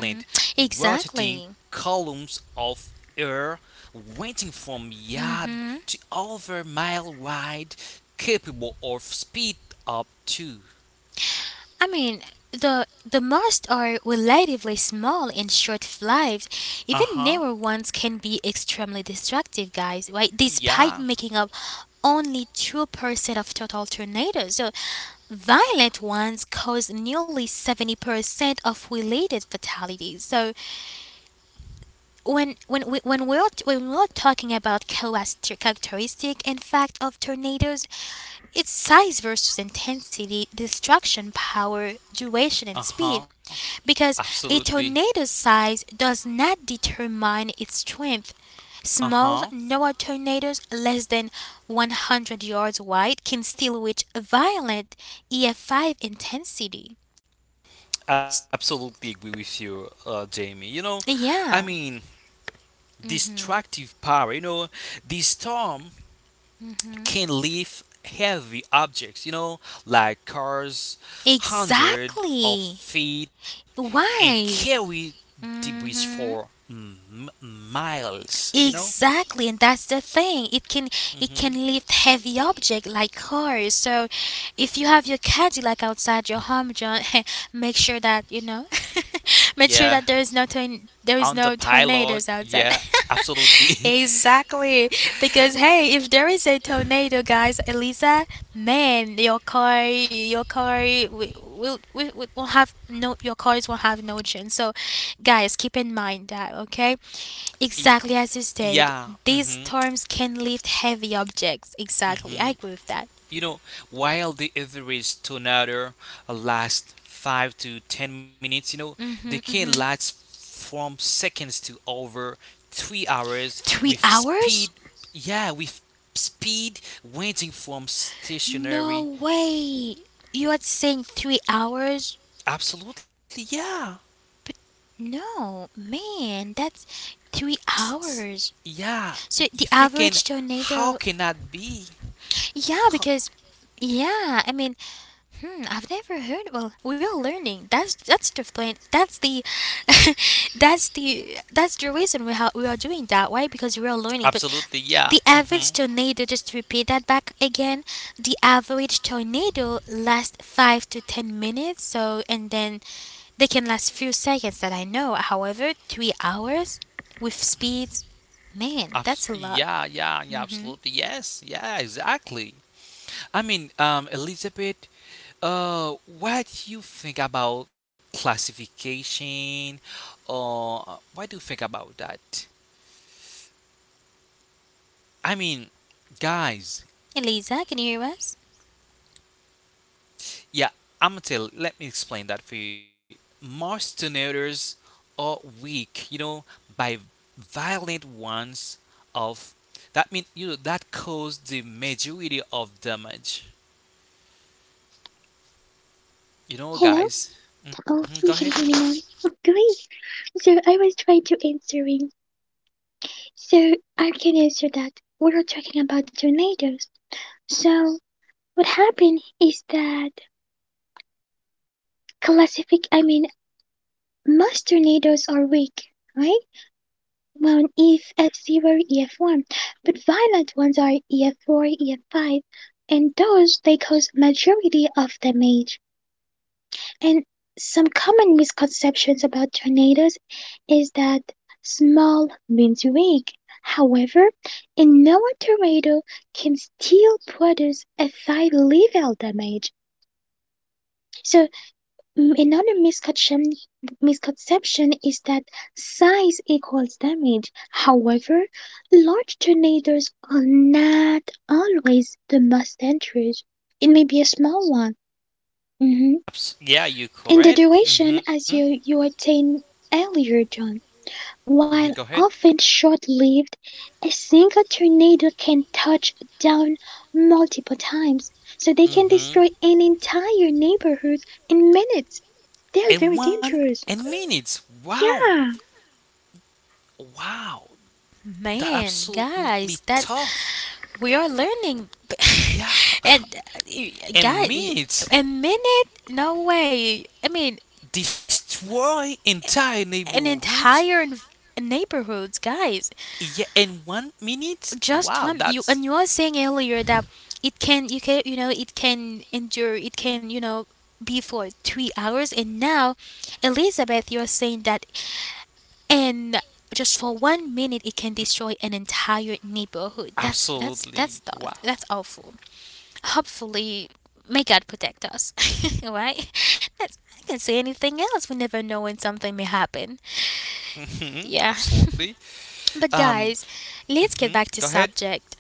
Speaker 2: rotating
Speaker 1: exactly.
Speaker 2: columns of air ranging from yard to over mile wide, capable of speed up to.
Speaker 1: I mean, the the most are relatively small and short lives.
Speaker 2: Uh
Speaker 1: Even
Speaker 2: huh.
Speaker 1: narrow ones can be extremely destructive, guys. Right? Despite
Speaker 2: Yeah.
Speaker 1: making up only two percent of total tornadoes, so violent ones cause nearly seventy percent of related fatalities. So when when we, when we're when we're talking about character- characteristic and fact of tornadoes, it's size versus intensity, destruction power,
Speaker 2: Uh
Speaker 1: duration, and
Speaker 2: huh.
Speaker 1: speed, because
Speaker 2: Absolutely.
Speaker 1: a tornado's size does not determine its strength.
Speaker 2: Uh huh.
Speaker 1: Small NOAA tornadoes less than one hundred yards wide can still reach violent E F five intensity. S-
Speaker 2: Absolutely agree with you, uh, Jamie. You know, I
Speaker 1: Yeah,
Speaker 2: mean, destructive power. You know, the storm can lift heavy objects. You know, like cars, hundred of
Speaker 1: exactly.
Speaker 2: feet, and
Speaker 1: Why?
Speaker 2: carry debris for
Speaker 1: hmm
Speaker 2: m- miles, you know?
Speaker 1: Exactly, and that's the thing. It can
Speaker 2: hmm
Speaker 1: it can lift heavy object like cars. So, if you have your Cadillac outside your home, John, make sure that you know, make
Speaker 2: Yeah.
Speaker 1: sure that there is no torn there
Speaker 2: On
Speaker 1: is
Speaker 2: the
Speaker 1: no
Speaker 2: pilot,
Speaker 1: tornadoes outside.
Speaker 2: yeah, absolutely.
Speaker 1: exactly, because hey, if there is a tornado, guys, Elisa, man, your car, your car will will will will have no your cars will have no chance. So, guys, keep in mind that, okay?
Speaker 2: Y-
Speaker 1: Exactly as you said,
Speaker 2: yeah.
Speaker 1: these
Speaker 2: hmm
Speaker 1: storms can lift heavy objects. Exactly,
Speaker 2: hmm
Speaker 1: I agree with that.
Speaker 2: You know, while the average tornado lasts five to ten minutes, you know, they
Speaker 1: Mm-hmm,
Speaker 2: can
Speaker 1: mm-hmm.
Speaker 2: last from seconds to over three hours with
Speaker 1: Three
Speaker 2: speed,
Speaker 1: hours?
Speaker 2: yeah, with speed ranging from
Speaker 1: No
Speaker 2: stationary.
Speaker 1: way. You are saying three hours?
Speaker 2: Absolutely, yeah.
Speaker 1: But no, man, that's three
Speaker 2: S- s-
Speaker 1: hours.
Speaker 2: Yeah, y-
Speaker 1: So
Speaker 2: you
Speaker 1: the
Speaker 2: thinking,
Speaker 1: average
Speaker 2: how
Speaker 1: tornado,
Speaker 2: can that be?
Speaker 1: yeah,
Speaker 2: Ho-
Speaker 1: because, yeah, I mean, Hmm, I've never heard. Well, we are learning. That's that's the plan. That's the, that's the that's the reason we ha- we are doing that. Why? Because we are learning. But
Speaker 2: Absolutely, yeah.
Speaker 1: the
Speaker 2: hmm
Speaker 1: average tornado, just to repeat that back again, the average tornado lasts five to ten minutes. So and then they can last few seconds that I know. However, three hours with speeds, man, that's
Speaker 2: Abs-
Speaker 1: a lot.
Speaker 2: yeah, yeah, yeah,
Speaker 1: Mm-hmm.
Speaker 2: absolutely. Yes, yeah, exactly.
Speaker 3: Exactly,
Speaker 2: I mean,
Speaker 3: John
Speaker 2: um,
Speaker 3: is
Speaker 2: Elizabeth,
Speaker 3: correct.
Speaker 2: uh, what do you think about classification? Or what do you think about that? I mean, guys,
Speaker 1: Elisa, can you hear us?
Speaker 2: yeah, I'm gonna tell, let me explain that for you. Most donators are weak, you know, by violent ones of that mean you know that caused the majority of damage. You know,
Speaker 3: Hello.
Speaker 2: guys. Hmm
Speaker 3: Oh,
Speaker 2: go
Speaker 3: you
Speaker 2: ahead.
Speaker 3: can hear me now. Oh, great. So I was trying to answering. So I can answer that. We were talking about tornadoes. So what happened is that classific. I mean, most tornadoes are weak, right? Well, if F zero, E F one, but violent ones are E F four, E F five, and those they cause majority of damage. And some common misconceptions about tornadoes is that small means weak. However, a known tornado can still produce a high level damage. So, mm, another misconception misconception is that size equals damage. However, large tornadoes are not always the most dangerous. It may be a small one. Mhm.
Speaker 2: Abs- Yeah, you
Speaker 3: In the
Speaker 2: correct.
Speaker 3: duration,
Speaker 2: Mm-hmm.
Speaker 3: as you, you attained earlier, John,
Speaker 2: hmm
Speaker 3: while
Speaker 2: Go ahead.
Speaker 3: often short lived, a single tornado can touch down multiple times, so they can
Speaker 2: Mm-hmm.
Speaker 3: destroy an entire neighborhood in minutes. They are very
Speaker 2: And one
Speaker 3: dangerous.
Speaker 2: and minutes. Wow.
Speaker 3: Yeah,
Speaker 2: Wow. That
Speaker 1: Man, guys,
Speaker 2: absolutely
Speaker 1: that's
Speaker 2: tough.
Speaker 1: we are learning,
Speaker 2: Yeah.
Speaker 1: and uh, guys,
Speaker 2: And
Speaker 1: y- a
Speaker 2: minutes
Speaker 1: minute? No way. I mean,
Speaker 2: destroy entire
Speaker 1: an
Speaker 2: neighborhoods.
Speaker 1: entire env- neighborhoods, guys.
Speaker 2: Yeah. In one minute.
Speaker 1: Just
Speaker 2: Wow.
Speaker 1: one. You
Speaker 2: That's
Speaker 1: and you are saying earlier that it can, you can, you know, it can endure. It can, you know, be for three hours. And now, Elizabeth, you are saying that, and just for one minute, it can destroy an entire neighborhood. That's that's
Speaker 2: absolutely
Speaker 1: that's thought.
Speaker 2: wow.
Speaker 1: That's awful. Hopefully, may God protect us, right? That's, I can say anything else. We never know when something may happen.
Speaker 2: Mm-hmm.
Speaker 1: Yeah.
Speaker 2: Absolutely.
Speaker 1: but
Speaker 2: Um.
Speaker 1: guys,
Speaker 2: hmm
Speaker 1: let's get
Speaker 2: Go
Speaker 1: back to
Speaker 2: ahead.
Speaker 1: subject.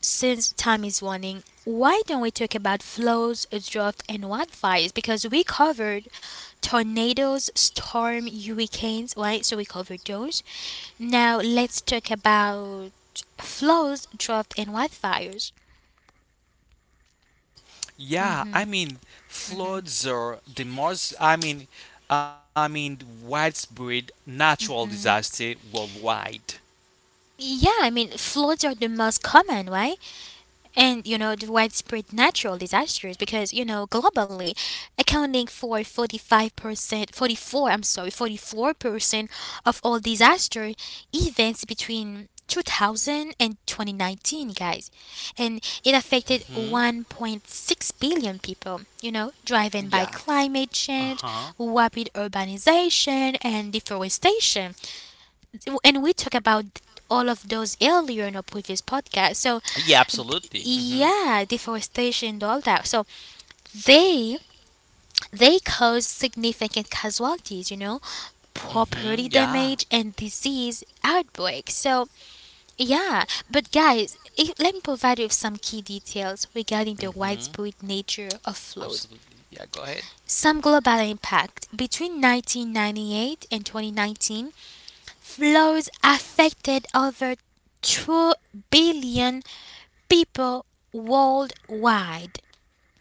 Speaker 1: Since time is running, why don't we talk about flows, drought, and wildfires? Because we covered tornadoes, storm, hurricanes, right? So we covered those. Now let's talk about floods, drought, and wildfires.
Speaker 2: Yeah, I mean, floods are the most, I mean, I mean, widespread natural disaster worldwide.
Speaker 1: Yeah, I mean, floods are the most common, right? And you know the widespread natural disasters because you know, globally accounting for forty-five percent forty-four, I'm sorry, forty-four percent of all disaster events between two thousand and twenty nineteen, guys, and it affected
Speaker 2: hmm
Speaker 1: one point six billion people, you know, driven by
Speaker 2: Yeah.
Speaker 1: climate
Speaker 2: Uh
Speaker 1: change,
Speaker 2: huh.
Speaker 1: rapid urbanization and deforestation. And we talk about all of those earlier in our previous podcast. So,
Speaker 2: Yeah,
Speaker 1: d-
Speaker 2: absolutely. Mm-hmm.
Speaker 1: yeah, deforestation and all that. So they they cause significant casualties, you know,
Speaker 2: Mm-hmm.
Speaker 1: property
Speaker 2: Yeah.
Speaker 1: damage and disease outbreaks. So yeah, but guys, if, let me provide you with some key details regarding the
Speaker 2: Mm-hmm.
Speaker 1: widespread nature of floods.
Speaker 2: Absolutely. Yeah. Go ahead.
Speaker 1: Some global impact between nineteen ninety-eight and twenty nineteen, floods affected over two billion people worldwide.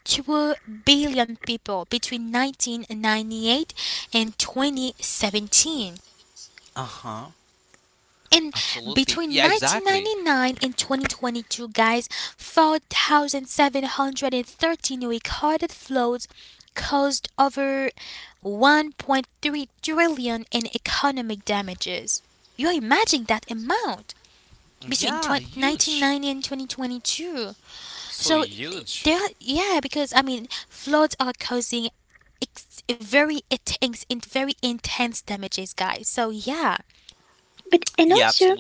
Speaker 1: two billion people between nineteen ninety-eight and twenty seventeen.
Speaker 2: Uh-huh.
Speaker 1: And
Speaker 2: Absolutely. Yeah.
Speaker 1: between
Speaker 2: Exactly.
Speaker 1: nineteen ninety-nine and twenty twenty-two, guys, four thousand seven hundred thirteen recorded floods caused over one point three trillion in economic damages. You imagine that amount. Between
Speaker 2: Yeah.
Speaker 1: twenty,
Speaker 2: Huge.
Speaker 1: nineteen ninety and twenty twenty-two.
Speaker 2: So
Speaker 1: So
Speaker 2: huge.
Speaker 1: there, yeah, because I mean, floods are causing ex- very intense, in- very intense damages, guys. So yeah,
Speaker 3: but
Speaker 2: Yeah.
Speaker 3: and also
Speaker 2: Absolutely.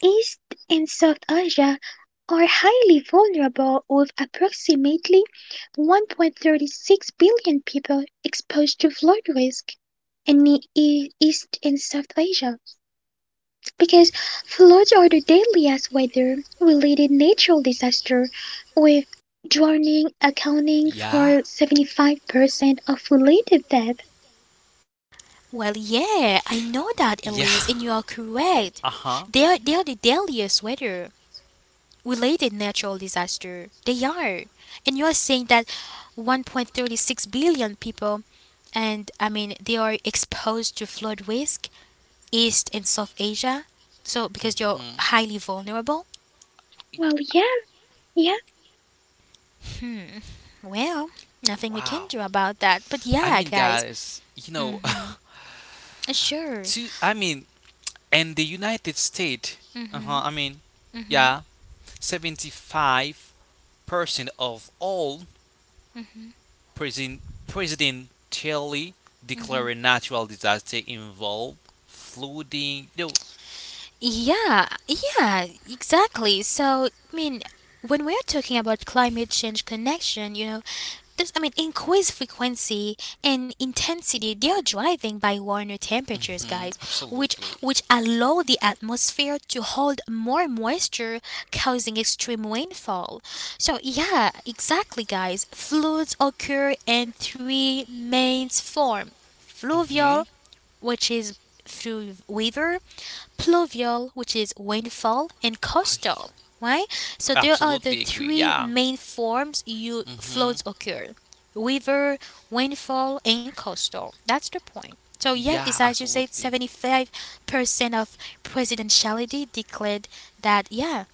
Speaker 3: East and South Asia are highly vulnerable with approximately one point thirty six billion people exposed to flood risk in the E- East and South Asia, because floods are the deadliest weather related natural disaster with drowning accounting
Speaker 2: Yeah.
Speaker 3: for seventy-five percent of related death.
Speaker 1: well, yeah, I know
Speaker 2: Yeah.
Speaker 1: that, Elise, and you are
Speaker 2: Uh-huh.
Speaker 1: correct. They are, they are the deadliest weather related natural disaster. They are, and you are saying that one point three six billion people. And I mean, they are exposed to flood risk East and South Asia. So because you're
Speaker 2: Hmm.
Speaker 1: highly vulnerable,
Speaker 3: Well, yeah, yeah.
Speaker 1: well, nothing we can
Speaker 2: Wow.
Speaker 1: do about that. But
Speaker 2: I
Speaker 1: yeah,
Speaker 2: mean,
Speaker 1: guys,
Speaker 2: guys, you know,
Speaker 1: mm, sure.
Speaker 2: two, I mean, in the United States, uh-huh, I mean, yeah, seventy-five percent of all president presidentially declared natural disaster involve flooding. No,
Speaker 1: Yeah, yeah, exactly. So, I mean, when we're talking about climate change connection, you know, this, I mean, increased frequency and intensity, they are driving by warmer temperatures,
Speaker 2: hmm
Speaker 1: guys, which
Speaker 2: absolutely.
Speaker 1: which allow the atmosphere to hold more moisture, causing extreme rainfall. So, yeah, exactly, guys. Floods occur in three main forms:
Speaker 2: hmm
Speaker 1: fluvial, which is through river, pluvial, which is rainfall, and
Speaker 2: I
Speaker 1: coastal, right? So there are the
Speaker 2: absolutely agree.
Speaker 1: three
Speaker 2: Yeah.
Speaker 1: main forms you floods
Speaker 2: hmm
Speaker 1: occur: river, rainfall, and coastal. That's the point. So yes, it's
Speaker 2: Yeah,
Speaker 1: as you said,
Speaker 2: absolutely.
Speaker 1: seventy-five percent of presidentiality declared that, yeah,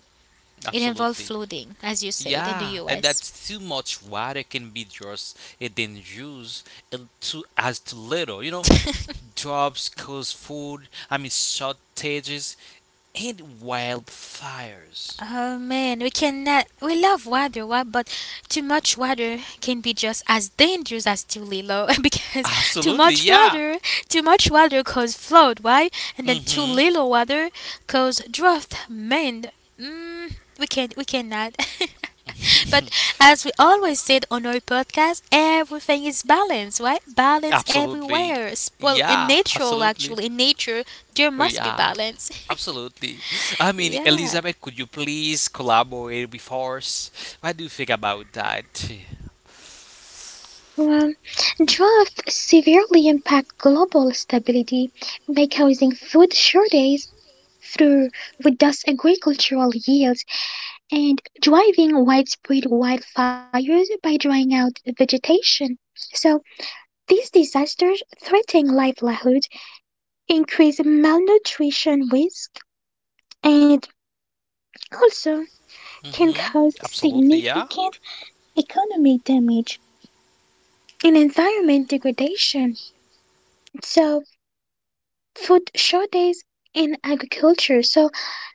Speaker 1: it involved
Speaker 2: Absolutely.
Speaker 1: flooding, as you said, in the
Speaker 2: Yeah, and
Speaker 1: U S.
Speaker 2: that's too much water can be just it then used it too as too little. You know, jobs cause food. I mean shortages and wildfires.
Speaker 1: Oh man, we cannot. We love water, wa- but too much water can be just as dangerous as too little because too
Speaker 2: Absolutely,
Speaker 1: much
Speaker 2: yeah.
Speaker 1: water, too much water cause flood, why? And then too
Speaker 2: Mm-hmm.
Speaker 1: little water cause drought. Man, mm, we can we cannot. But as we always said on our podcast, everything is balance, right? Balance
Speaker 2: Absolutely.
Speaker 1: everywhere. S- Well, in
Speaker 2: Yeah,
Speaker 1: nature,
Speaker 2: absolutely.
Speaker 1: actually, in nature, there
Speaker 2: Oh,
Speaker 1: must be
Speaker 2: yeah,
Speaker 1: balance.
Speaker 2: absolutely. I mean,
Speaker 1: Yeah.
Speaker 2: Elizabeth, could you please collaborate with us? What do you think about that?
Speaker 3: Um, Drought severely impact global stability by causing food shortages through reduced agricultural yields and driving widespread wildfires by drying out vegetation. So these disasters threaten livelihoods, increase malnutrition risk, and also can
Speaker 2: Mm-hmm.
Speaker 3: cause
Speaker 2: Absolutely, yeah.
Speaker 3: significant economic damage and environment degradation. So, food shortages in agriculture. So,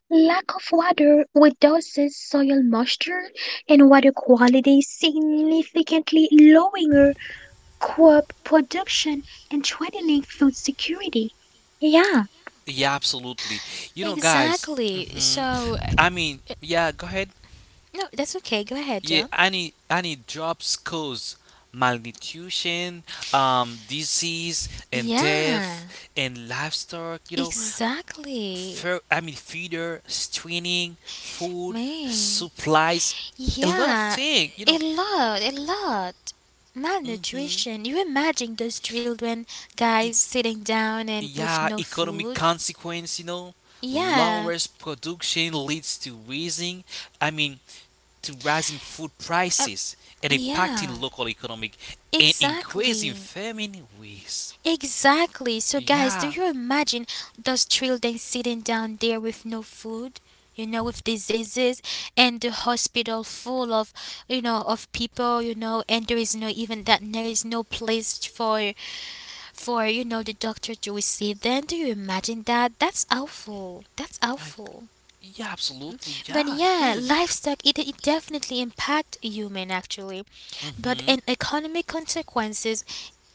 Speaker 3: lack of water reduces soil moisture and water quality, significantly lowering crop production and threatening food security. Yeah,
Speaker 2: Yeah, absolutely. You know, guys.
Speaker 1: Exactly.
Speaker 2: hmm
Speaker 1: So
Speaker 2: I mean, yeah. Go ahead.
Speaker 1: No, that's okay. Go ahead,
Speaker 2: Yeah,
Speaker 1: John.
Speaker 2: any any jobs cause malnutrition, um, disease and
Speaker 1: Yeah,
Speaker 2: death, and livestock. You know,
Speaker 1: exactly.
Speaker 2: fer- I mean, feeder, training, food,
Speaker 1: Man.
Speaker 2: supplies, a lot of
Speaker 1: Yeah,
Speaker 2: things. You
Speaker 1: a
Speaker 2: know,
Speaker 1: lot, a lot.
Speaker 2: hmm
Speaker 1: Malnutrition. You imagine those children, guys, sitting down and with
Speaker 2: Yeah,
Speaker 1: no
Speaker 2: economic
Speaker 1: food?
Speaker 2: consequence, you know,
Speaker 1: Yeah,
Speaker 2: lowest production leads to rising, I mean, to rising food
Speaker 1: uh,
Speaker 2: prices and
Speaker 1: yeah,
Speaker 2: impacting local economic and increasing
Speaker 1: exactly.
Speaker 2: famine risk.
Speaker 1: Exactly. So, guys, do
Speaker 2: Yeah,
Speaker 1: you imagine those children sitting down there with no food, you know, with diseases, and the hospital full of, you know, of people, you know, and there is no even that there is no place for, for you know, the doctor to receive them. Do you imagine that? That's awful. That's
Speaker 2: I,
Speaker 1: awful.
Speaker 2: yeah, absolutely,
Speaker 1: But
Speaker 2: yeah, it
Speaker 1: yeah,
Speaker 2: is.
Speaker 1: livestock it, it definitely impact human actually, but
Speaker 2: Mm-hmm.
Speaker 1: an economic consequences.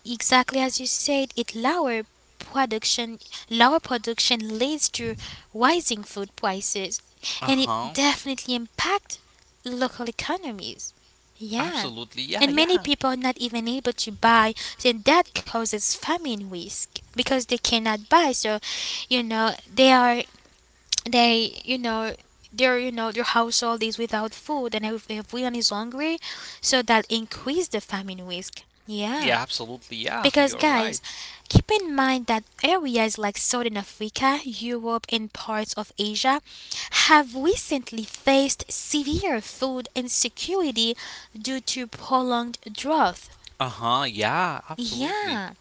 Speaker 1: Exactly as you said, it lower production lower production leads to rising food prices, and it
Speaker 2: Uh-huh.
Speaker 1: definitely impact local economies. Yeah.
Speaker 2: Absolutely. Yeah,
Speaker 1: And many
Speaker 2: yeah.
Speaker 1: people are not even able to buy, then that causes famine risk because they cannot buy. So, you know, they are they you know their you know their household is without food, and if everyone is hungry, so that increase the famine risk. Yeah.
Speaker 2: Yeah, absolutely. Yeah,
Speaker 1: Because,
Speaker 2: you're
Speaker 1: guys,
Speaker 2: right.
Speaker 1: keep in mind that areas like Southern Africa, Europe, and parts of Asia have recently faced severe food insecurity due to prolonged drought.
Speaker 2: Uh huh. Yeah, absolutely.
Speaker 1: Yeah.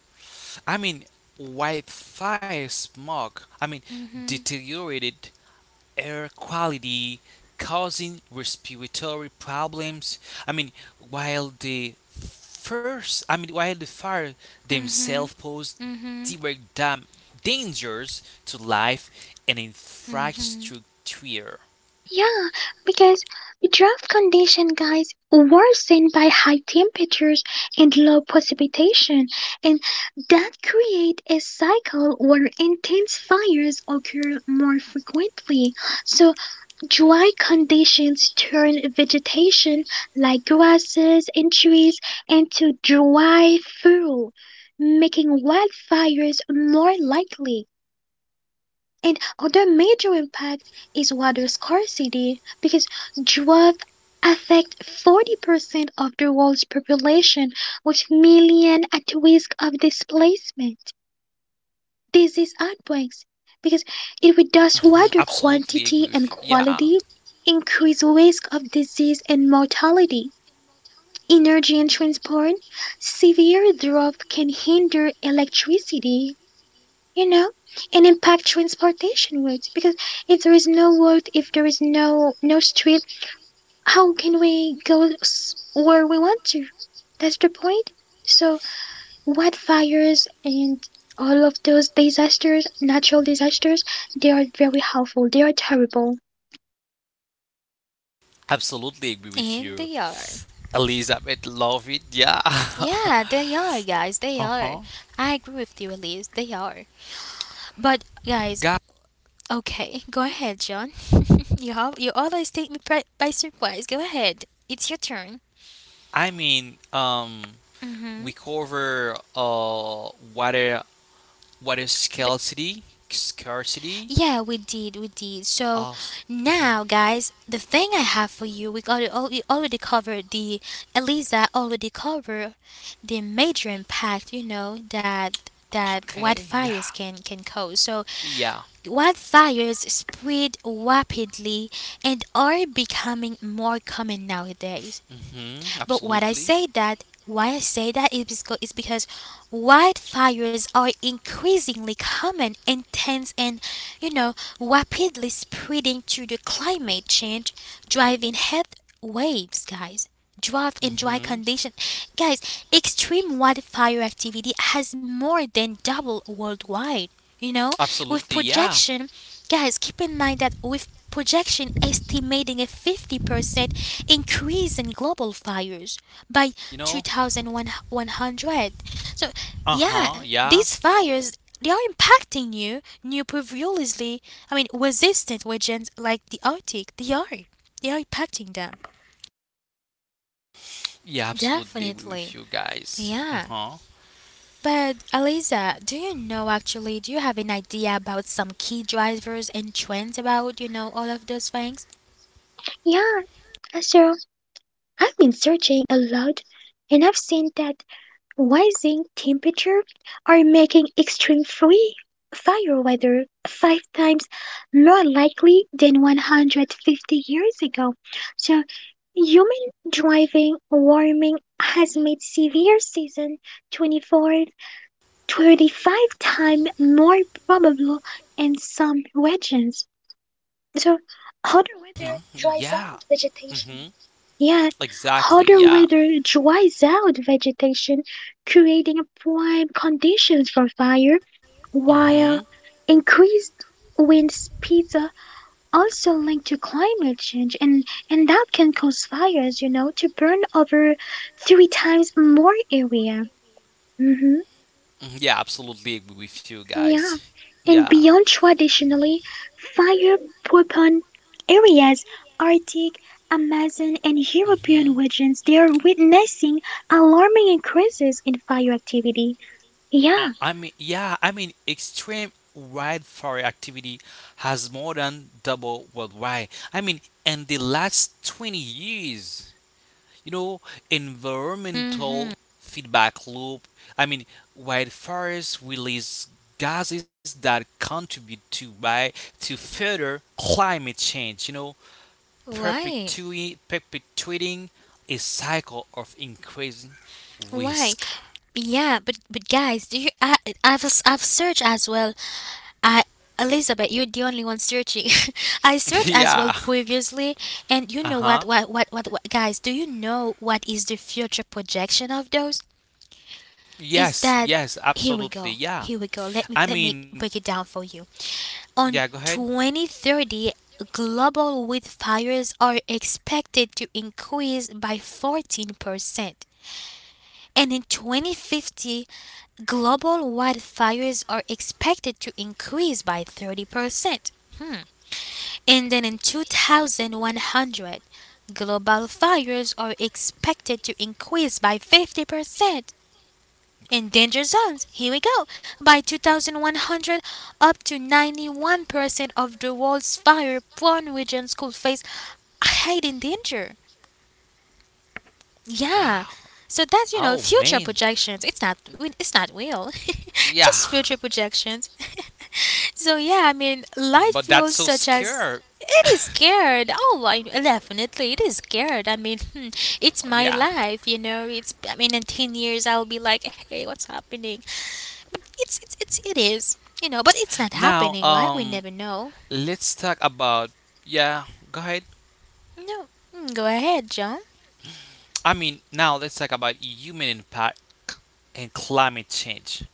Speaker 2: I mean, Wi-Fi smog. I mean,
Speaker 1: Mhm.
Speaker 2: deteriorated air quality causing respiratory problems. I mean, while the first, I mean, While the fire
Speaker 1: Mhm.
Speaker 2: themselves pose
Speaker 1: Mhm.
Speaker 2: direct dam- dangers to life and
Speaker 1: Mhm.
Speaker 2: infrastructure.
Speaker 3: yeah, because drought condition, guys, worsened by high temperatures and low precipitation, and that create a cycle where intense fires occur more frequently. So dry conditions turn vegetation like grasses and trees into dry fuel, making wildfires more likely. And other major impact is water scarcity because drought affect forty percent of the world's population with millions at risk of displacement. This is artworks because if we does
Speaker 2: hmm
Speaker 3: water
Speaker 2: Absolutely agree
Speaker 3: quantity
Speaker 2: with
Speaker 3: and
Speaker 2: you. Yeah.
Speaker 3: quality, increase risk of disease and mortality, energy and transport, severe drought can hinder electricity, you know, and impact transportation routes because if there is no road, if there is no no street, how can we go s- where we want to? That's the point. So wildfires and all of those disasters, natural disasters, they are very harmful. They are terrible.
Speaker 2: Absolutely agree with
Speaker 1: And
Speaker 2: you.
Speaker 1: they are.
Speaker 2: Elizabeth love it, yeah.
Speaker 1: Yeah, they are, guys. They are.
Speaker 2: Uh-huh.
Speaker 1: I agree with you, Elise. They are. But guys.
Speaker 2: God.
Speaker 1: Okay, go ahead, John. you al- you always take me pri- by surprise. Go ahead. It's your turn.
Speaker 2: I mean, um we
Speaker 1: Mhm.
Speaker 2: cover uh water water
Speaker 1: But
Speaker 2: scarcity, scarcity.
Speaker 1: yeah, we did, we did. So
Speaker 2: Us.
Speaker 1: now, guys, the thing I have for you, we got al- we already covered the Eliza already covered the major impact. You know that, that
Speaker 2: Okay,
Speaker 1: wildfires
Speaker 2: yeah.
Speaker 1: can can cause. So
Speaker 2: Yeah.
Speaker 1: wildfires spread rapidly and are becoming more common nowadays.
Speaker 2: Mhm,
Speaker 1: But what I
Speaker 2: absolutely.
Speaker 1: say that, why I say that is because, is because wildfires are increasingly common, intense, and you know rapidly spreading due to the climate change, driving heat waves, guys, drought and dry
Speaker 2: Mhm.
Speaker 1: condition. Guys, extreme wildfire activity has more than doubled worldwide. You know, with
Speaker 2: Absolutely, yeah.
Speaker 1: projection, guys, keep in mind that with projection estimating a fifty percent increase in global fires by
Speaker 2: You know?
Speaker 1: two thousand one hundred. So, yeah,
Speaker 2: Uh-huh, yeah.
Speaker 1: these fires, they are impacting new, new previously, I mean, resistant regions like the Arctic. They are, they are impacting them.
Speaker 2: Yeah, absolutely agree
Speaker 1: Definitely.
Speaker 2: with you guys.
Speaker 1: Yeah.
Speaker 2: Uh-huh.
Speaker 1: But Aliza, do you know, actually, do you have an idea about some key drivers and trends about, you know, all of those things?
Speaker 3: Yeah, so I've been searching a lot and I've seen that rising temperature are making extreme free fire weather five times more likely than one hundred fifty years ago. So human driving warming has made severe season twenty-four twenty-five times more probable in some regions. So, hotter weather
Speaker 2: Mhm.
Speaker 3: dries
Speaker 2: Yeah.
Speaker 3: out vegetation.
Speaker 2: Mhm.
Speaker 3: Yeah,
Speaker 2: Exactly,
Speaker 3: hotter
Speaker 2: yeah.
Speaker 3: weather dries out vegetation, creating prime conditions for fire,
Speaker 2: Mm-hmm.
Speaker 3: while increased wind speeds are also linked to climate change and and that can cause fires you know to burn over three times more area. Hmm.
Speaker 2: hmm Yeah, absolutely agree with you guys.
Speaker 3: Yeah, and
Speaker 2: Yeah.
Speaker 3: beyond traditionally fire prone areas, Arctic, Amazon, and European
Speaker 2: hmm
Speaker 3: regions, they are witnessing alarming increases in fire activity.
Speaker 2: Uh,
Speaker 3: Yeah,
Speaker 2: I mean, yeah, I mean, extreme wildfire activity has more than doubled worldwide. I mean, in the last twenty years, you know,
Speaker 1: Mm-hmm.
Speaker 2: environmental feedback loop. I mean, Wildfires release gases that contribute to by to further climate change. You know,
Speaker 1: Why?
Speaker 2: perpetu- perpetuating a cycle of increasing
Speaker 1: Why?
Speaker 2: risk.
Speaker 1: Yeah, but but guys, do you I I've s- I've searched as well. I Elizabeth, you're the only one searching. I searched as well
Speaker 2: Yeah.
Speaker 1: previously, and you
Speaker 2: Uh
Speaker 1: know what,
Speaker 2: huh.
Speaker 1: what what what what guys, do you know what is the future projection of those? Is
Speaker 2: Yes.
Speaker 1: that
Speaker 2: Yes.
Speaker 1: Here we
Speaker 2: Absolutely.
Speaker 1: go.
Speaker 2: Yeah.
Speaker 1: Here we go. Let me
Speaker 2: I
Speaker 1: let me
Speaker 2: mean.
Speaker 1: break it down for you.
Speaker 2: Yeah.
Speaker 1: On
Speaker 2: Go ahead.
Speaker 1: twenty thirty, global wildfires are expected to increase by fourteen percent. And in twenty fifty, global wildfires are expected to increase by thirty percent. Hmm. And then in two thousand one hundred, global fires are expected to increase by fifty percent. In danger zones, here we go. By two thousand one hundred, up to ninety-one percent of the world's fire prone regions could face heightened danger. Yeah.
Speaker 2: Wow.
Speaker 1: So that's, you know,
Speaker 2: Oh
Speaker 1: future
Speaker 2: man.
Speaker 1: projections. It's not it's not real.
Speaker 2: Yeah.
Speaker 1: Just future projections. So yeah, I mean,
Speaker 2: But
Speaker 1: light
Speaker 2: that's so
Speaker 1: fuels such
Speaker 2: scary.
Speaker 1: as it is scared. Oh, I, definitely, it is scared. I mean, hmm, it's my
Speaker 2: Yeah.
Speaker 1: life, you know. It's I mean, in ten years, I'll be like, hey, what's happening? But it's it's it's it is, you know. But it's not
Speaker 2: Now,
Speaker 1: happening, right? We
Speaker 2: um,
Speaker 1: never know.
Speaker 2: let's talk about. Yeah. Go ahead.
Speaker 1: No. Mm, go ahead, John.
Speaker 2: I mean, now let's talk about human impact and climate change.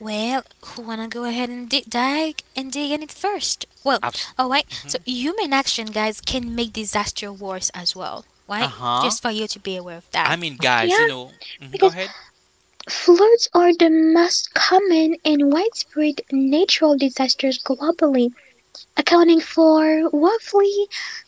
Speaker 1: Well, who wanna go ahead and dig, dig and dig in it first? Well, all right. So
Speaker 2: Absolutely.
Speaker 1: human action, guys, can make disaster worse as well,
Speaker 2: Uh
Speaker 1: right?
Speaker 2: huh.
Speaker 1: Just for you to be aware of
Speaker 2: I
Speaker 1: that.
Speaker 2: mean, guys,
Speaker 3: yeah,
Speaker 2: you know, mhm, go
Speaker 3: because
Speaker 2: ahead.
Speaker 3: floods are the most common and widespread natural disasters globally, accounting for roughly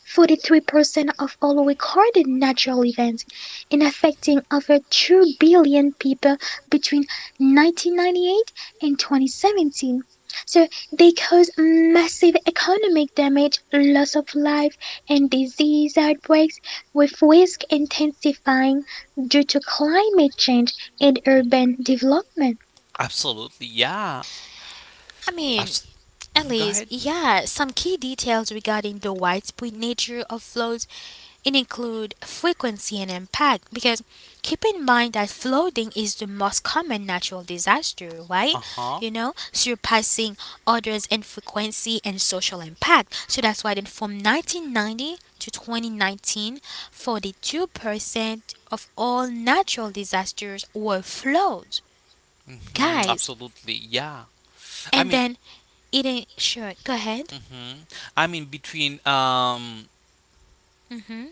Speaker 3: forty-three percent of all recorded natural events and affecting over two billion people between nineteen ninety-eight and twenty seventeen. So they cause massive economic damage, loss of life, and disease outbreaks, with risk intensifying due to climate change and urban development.
Speaker 2: Absolutely, yeah.
Speaker 1: I mean,
Speaker 2: Abs-
Speaker 1: at
Speaker 2: mhm, go
Speaker 1: least,
Speaker 2: ahead.
Speaker 1: yeah, some key details regarding the widespread nature of floats, it include frequency and impact because keep in mind that flooding is the most common natural disaster, right?
Speaker 2: Uh huh.
Speaker 1: You know, surpassing others in frequency and social impact. So that's why then from nineteen ninety to twenty nineteen, forty-two percent of all natural disasters were floods.
Speaker 2: hmm
Speaker 1: Guys,
Speaker 2: Absolutely, yeah. I
Speaker 1: and
Speaker 2: mean,
Speaker 1: then it ain't sure. Go ahead.
Speaker 2: hmm I mean between um
Speaker 1: Mm-hmm.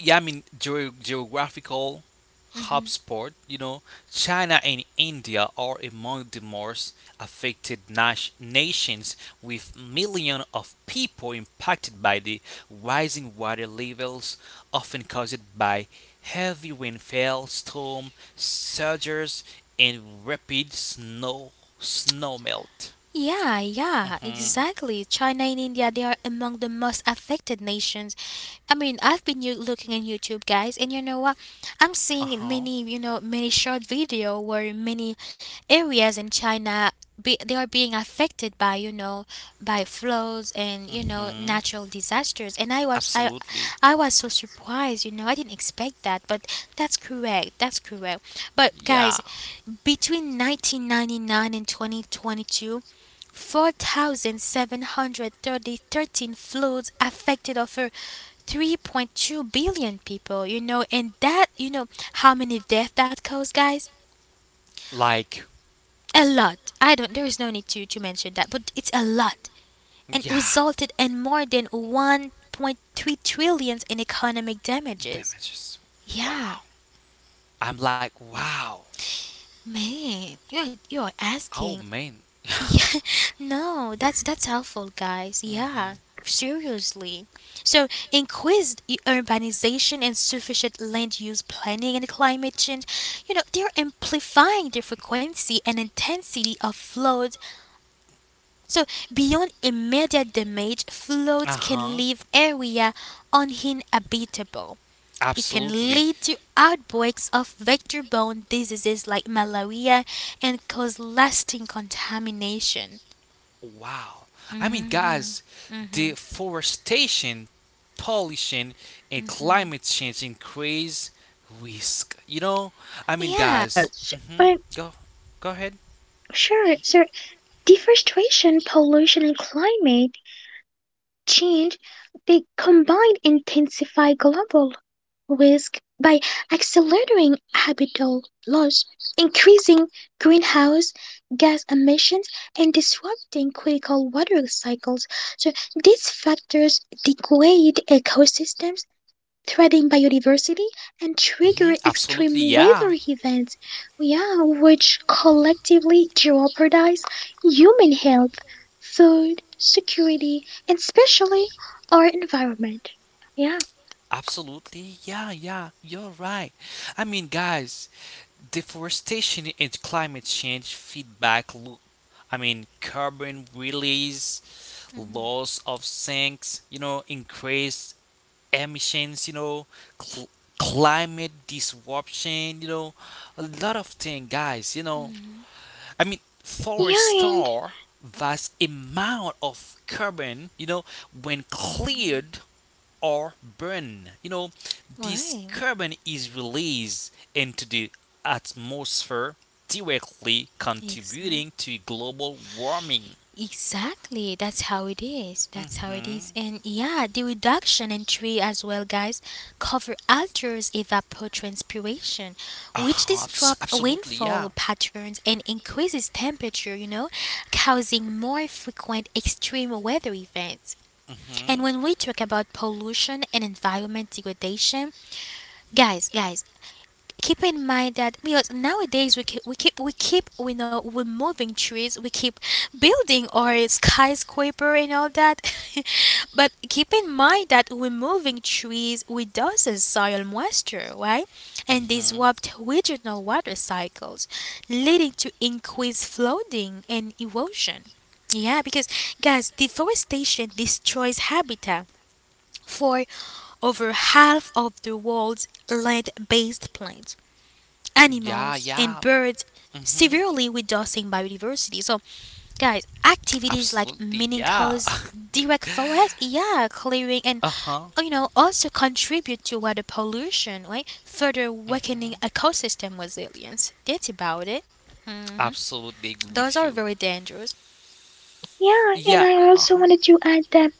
Speaker 2: Yeah, I mean ge- geographical hotspot. You know, China and India are among the most affected nas- nations, with millions of people impacted by the rising water levels, often caused by heavy rainfall, storm surges, and rapid snow snow melt.
Speaker 1: Yeah, yeah,
Speaker 2: hmm
Speaker 1: exactly. China and India, they are among the most affected nations. I mean, I've been you looking on YouTube, guys, and you know what? I'm
Speaker 2: Uh
Speaker 1: seeing
Speaker 2: huh.
Speaker 1: many, you know, many short video where many areas in China be, they are being affected by, you know, by floods, and, you know,
Speaker 2: hmm
Speaker 1: natural disasters. And I was I
Speaker 2: Absolutely.
Speaker 1: I was so surprised, you know. I didn't expect that, but that's correct. That's correct. But guys,
Speaker 2: Yeah.
Speaker 1: between nineteen ninety-nine and twenty twenty-two, four thousand seven hundred thirteen floods affected over three point two billion people, you know, and that, you know, how many deaths that caused, guys?
Speaker 2: Like,
Speaker 1: A lot. I don't, there is no need to, to mention that, but it's a lot. And
Speaker 2: yeah.
Speaker 1: resulted in more than one point three trillions in economic damages.
Speaker 2: Damages.
Speaker 1: Yeah.
Speaker 2: Wow. I'm like, wow.
Speaker 1: Man, you're, you're
Speaker 2: Oh,
Speaker 1: asking.
Speaker 2: man.
Speaker 1: Yeah, no, that's that's helpful, guys.
Speaker 2: hmm
Speaker 1: Yeah, seriously. So, increased u- urbanization and sufficient land use planning and climate change, you know, they're amplifying the frequency and intensity of floods. So, beyond immediate damage,
Speaker 2: Uh
Speaker 1: floods can
Speaker 2: huh.
Speaker 1: leave area uninhabitable. It can
Speaker 2: Absolutely.
Speaker 1: lead to outbreaks of vector-borne diseases like malaria and cause lasting contamination
Speaker 2: Wow. I mean,
Speaker 1: hmm
Speaker 2: guys, deforestation, pollution, and climate change increase risk. You know, I mean,
Speaker 1: Yeah.
Speaker 3: Uh,
Speaker 2: guys.
Speaker 3: s-
Speaker 2: Hmm
Speaker 3: but
Speaker 2: Go, go ahead.
Speaker 3: sure, so deforestation, pollution, and climate change, they combine intensify global risk by accelerating habitat loss, increasing greenhouse gas emissions, and disrupting critical water cycles. So these factors degrade ecosystems threatened biodiversity and
Speaker 2: Mhm,
Speaker 3: trigger
Speaker 2: absolutely,
Speaker 3: extreme
Speaker 2: yeah.
Speaker 3: weather events, yeah, which collectively jeopardize human health, food security, and especially our environment. Yeah,
Speaker 2: Absolutely, yeah, yeah, you're right. I mean, guys, deforestation and climate change feedback loop. I mean, carbon release, loss of sinks, you know, increased emissions, you know, cl- climate disruption, you know, a lot of things, guys, you know. I mean, for a
Speaker 3: yeah, and
Speaker 2: star, vast amount of carbon, you know, when cleared or burned, you know, this
Speaker 1: Why?
Speaker 2: carbon is released into the atmosphere, directly
Speaker 1: Exactly.
Speaker 2: contributing to global warming.
Speaker 1: Exactly. That's how it is. That's how it
Speaker 2: hmm
Speaker 1: is. And yeah, the reduction in tree as well, guys, cover alters evapotranspiration, which disrupts
Speaker 2: Absolutely,
Speaker 1: rainfall
Speaker 2: yeah.
Speaker 1: patterns and increases temperature, you know, causing more frequent extreme weather events. And
Speaker 2: Mm-hmm.
Speaker 1: when we talk about pollution and environment degradation, guys, guys, keep in mind that because nowadays we keep we keep we keep, you know, we're moving trees, we keep building our skyscraper and all that. But keep in mind that we're moving trees reduces soil moisture, right, and
Speaker 2: hmm
Speaker 1: disrupt regional water cycles, leading to increased flooding and erosion, yeah, because, guys, deforestation destroys habitat for over half of the world's land based plants,
Speaker 2: Yeah,
Speaker 1: animals, and
Speaker 2: yeah.
Speaker 1: birds,
Speaker 2: hmm
Speaker 1: severely reducing biodiversity. So, guys, activities like
Speaker 2: Absolutely,
Speaker 1: mining
Speaker 2: yeah.
Speaker 1: cows, direct forest, yeah, clearing, and,
Speaker 2: Uh huh.
Speaker 1: you know, also contribute to water pollution, right? Further weakening
Speaker 2: hmm
Speaker 1: ecosystem resilience. That's about it. Hmm.
Speaker 2: Absolutely agree
Speaker 1: Those
Speaker 2: with
Speaker 1: are
Speaker 2: you.
Speaker 1: very dangerous.
Speaker 3: yeah, and
Speaker 2: Yeah.
Speaker 3: I
Speaker 2: Uh
Speaker 3: also
Speaker 2: huh.
Speaker 3: wanted to add that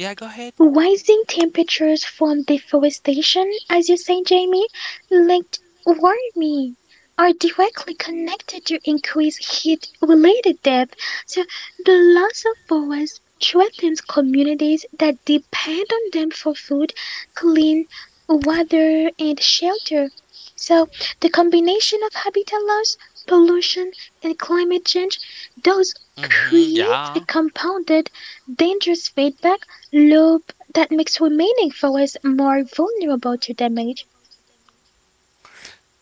Speaker 2: Yeah, go ahead.
Speaker 3: rising temperatures from deforestation, as you say, Jamie, linked warming are directly connected to increased heat related death. So the loss of forests threatens communities that depend on them for food, clean water, and shelter. So the combination of habitat loss, pollution, and climate change does
Speaker 2: hmm
Speaker 3: create a
Speaker 2: Yeah.
Speaker 3: compounded dangerous feedback loop that makes remaining forests more vulnerable to damage.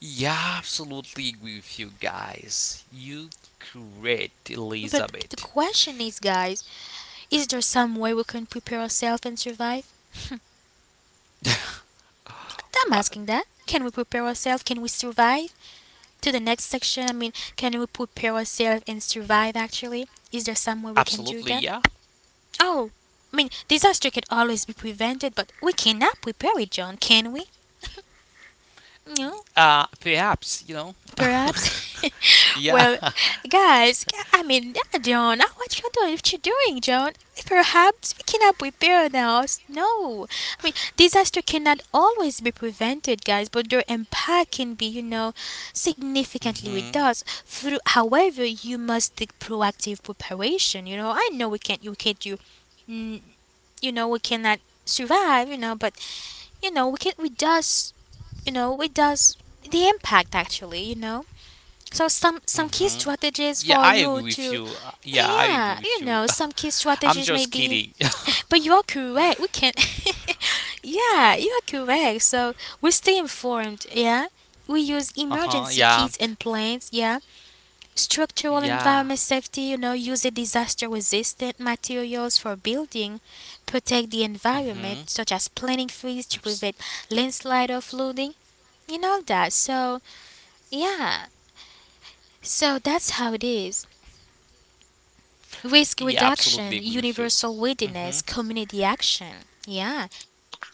Speaker 2: Yeah, absolutely agree with you guys. You correct,
Speaker 1: But the
Speaker 2: Elizabeth.
Speaker 1: question is, guys, is there some way we can prepare ourselves and survive? I'm
Speaker 2: What?
Speaker 1: asking that. Can we prepare ourselves? Can we survive? To the next section. I mean, can we prepare ourselves and survive actually? Is there some way we can do
Speaker 2: Absolutely,
Speaker 1: that?
Speaker 2: yeah.
Speaker 1: Oh, I mean, disaster can always be prevented, but we cannot prepare it, John, can we? No.
Speaker 2: Uh, perhaps, you know.
Speaker 1: Perhaps.
Speaker 2: Yeah.
Speaker 1: Well, guys, g- I mean, yeah, John, uh, what you doing? What you doing, John? Perhaps we cannot prepare now. No, I mean, disaster cannot always be prevented, guys, but their impact can be, you know, significantly
Speaker 2: hmm
Speaker 1: reduced. Through, however, you must take proactive preparation. You know, I know we can't, you can't do, mm, you know, we cannot survive. You know, but, you know, we can, we does, you know, we does the impact actually. You know. So some some key
Speaker 2: hmm
Speaker 1: strategies
Speaker 2: Yeah,
Speaker 1: for
Speaker 2: I
Speaker 1: you
Speaker 2: agree with
Speaker 1: to,
Speaker 2: you. Uh, Yeah, I agree
Speaker 1: yeah,
Speaker 2: with
Speaker 1: you
Speaker 2: you.
Speaker 1: know, some key
Speaker 2: I'm
Speaker 1: strategies
Speaker 2: just
Speaker 1: maybe.
Speaker 2: kidding.
Speaker 1: But you are correct. We can. Yeah, you are correct. So we stay informed, yeah? We use
Speaker 2: Uh-huh.
Speaker 1: emergency
Speaker 2: Yeah.
Speaker 1: kits and plans, yeah. Structural
Speaker 2: Yeah.
Speaker 1: environment safety, you know, use a disaster resistant materials for building, protect the
Speaker 2: Mm-hmm.
Speaker 1: environment, such as planting trees to prevent landslide or flooding, and all that. So yeah. So that's how it is. Risk
Speaker 2: Yeah, absolutely
Speaker 1: reduction,
Speaker 2: agree with you.
Speaker 1: universal
Speaker 2: Mm-hmm.
Speaker 1: readiness, community action. Yeah,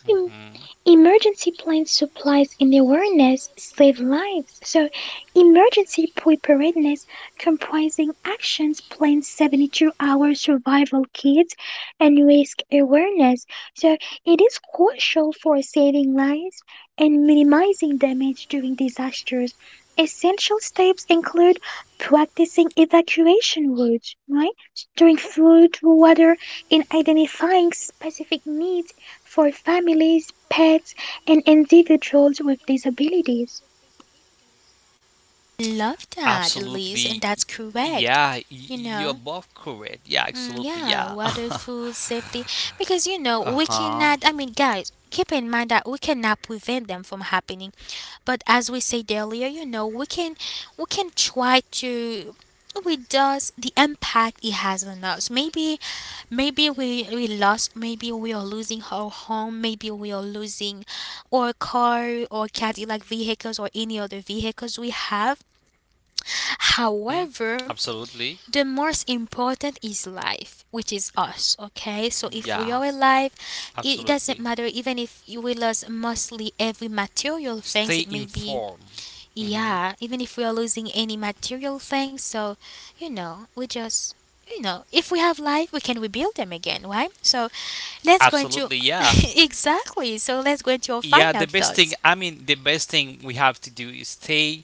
Speaker 3: Hmm.
Speaker 2: Mm-hmm.
Speaker 3: Emergency plans, supplies, and awareness save lives. So, emergency preparedness comprising actions plans, seventy-two hour survival kits, and risk awareness. So, it is crucial for saving lives and minimizing damage during disasters. Essential steps include practicing evacuation routes, right? Storing food, water, and identifying specific needs for families, pets, and individuals with disabilities.
Speaker 1: love that, Liz, and that's
Speaker 2: Absolutely.
Speaker 1: correct.
Speaker 2: Yeah, y-
Speaker 1: You
Speaker 2: you're
Speaker 1: know?
Speaker 2: both correct. Yeah,
Speaker 1: Mm,
Speaker 2: absolutely.
Speaker 1: yeah,
Speaker 2: Yeah.
Speaker 1: water, food, safety. Because, you know, we
Speaker 2: Uh-huh.
Speaker 1: cannot, I mean, guys, keep in mind that we cannot prevent them from happening. But as we said earlier, you know, we can we can try to reduce the impact it has on us. Maybe, maybe we we lost, maybe we are losing our home, maybe we are losing our car or Cadillac vehicles or any other vehicles we have.
Speaker 2: Mhm.
Speaker 1: However,
Speaker 2: Absolutely.
Speaker 1: the most important is life, which is us, okay? So if we are
Speaker 2: Yeah,
Speaker 1: alive, it doesn't
Speaker 2: absolutely.
Speaker 1: matter even if we lose mostly every material things, it
Speaker 2: Stay
Speaker 1: may be,
Speaker 2: informed. hmm
Speaker 1: yeah, even if we are losing any material things. So, you know, we just, you know, if we have life, we can rebuild them again, right? So let's go into,
Speaker 2: Absolutely, yeah.
Speaker 1: exactly. So let's go into our
Speaker 2: Yeah,
Speaker 1: final
Speaker 2: the best thing,
Speaker 1: thoughts.
Speaker 2: I mean, the best thing we have to do is stay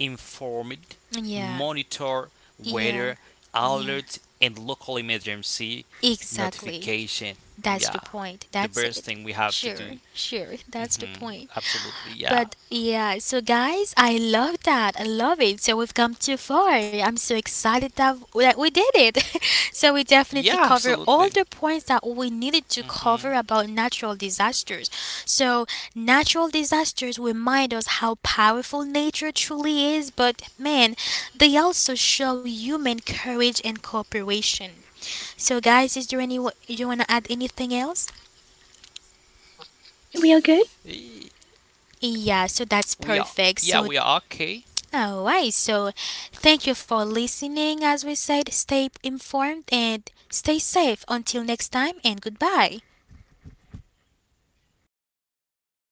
Speaker 2: informed,
Speaker 1: Yeah.
Speaker 2: monitor
Speaker 1: Yeah.
Speaker 2: weather,
Speaker 1: Yeah.
Speaker 2: alerts, and local emergency
Speaker 1: Exactly.
Speaker 2: notification.
Speaker 1: That's
Speaker 2: Yeah,
Speaker 1: the point.
Speaker 2: the
Speaker 1: That's
Speaker 2: best
Speaker 1: it.
Speaker 2: thing we have to
Speaker 1: Sure,
Speaker 2: do.
Speaker 1: sure. That's the
Speaker 2: hmm
Speaker 1: point.
Speaker 2: Absolutely, yeah.
Speaker 1: But yeah, so, guys, I love that. I love it. So we've come too far. I'm so excited that, that we did it. So we definitely
Speaker 2: Yeah,
Speaker 1: cover all
Speaker 2: absolutely.
Speaker 1: the points that we needed to cover
Speaker 2: hmm
Speaker 1: about natural disasters. So natural disasters remind us how powerful nature truly is, but man, they also show human courage and cooperation. So, guys, is there any, you want to add anything else?
Speaker 3: We are good?
Speaker 1: Yeah, so that's
Speaker 2: We are,
Speaker 1: perfect.
Speaker 2: yeah,
Speaker 1: So
Speaker 2: we are okay.
Speaker 1: Alright, so thank you for listening. As we said, stay informed and stay safe. Until next time, and goodbye.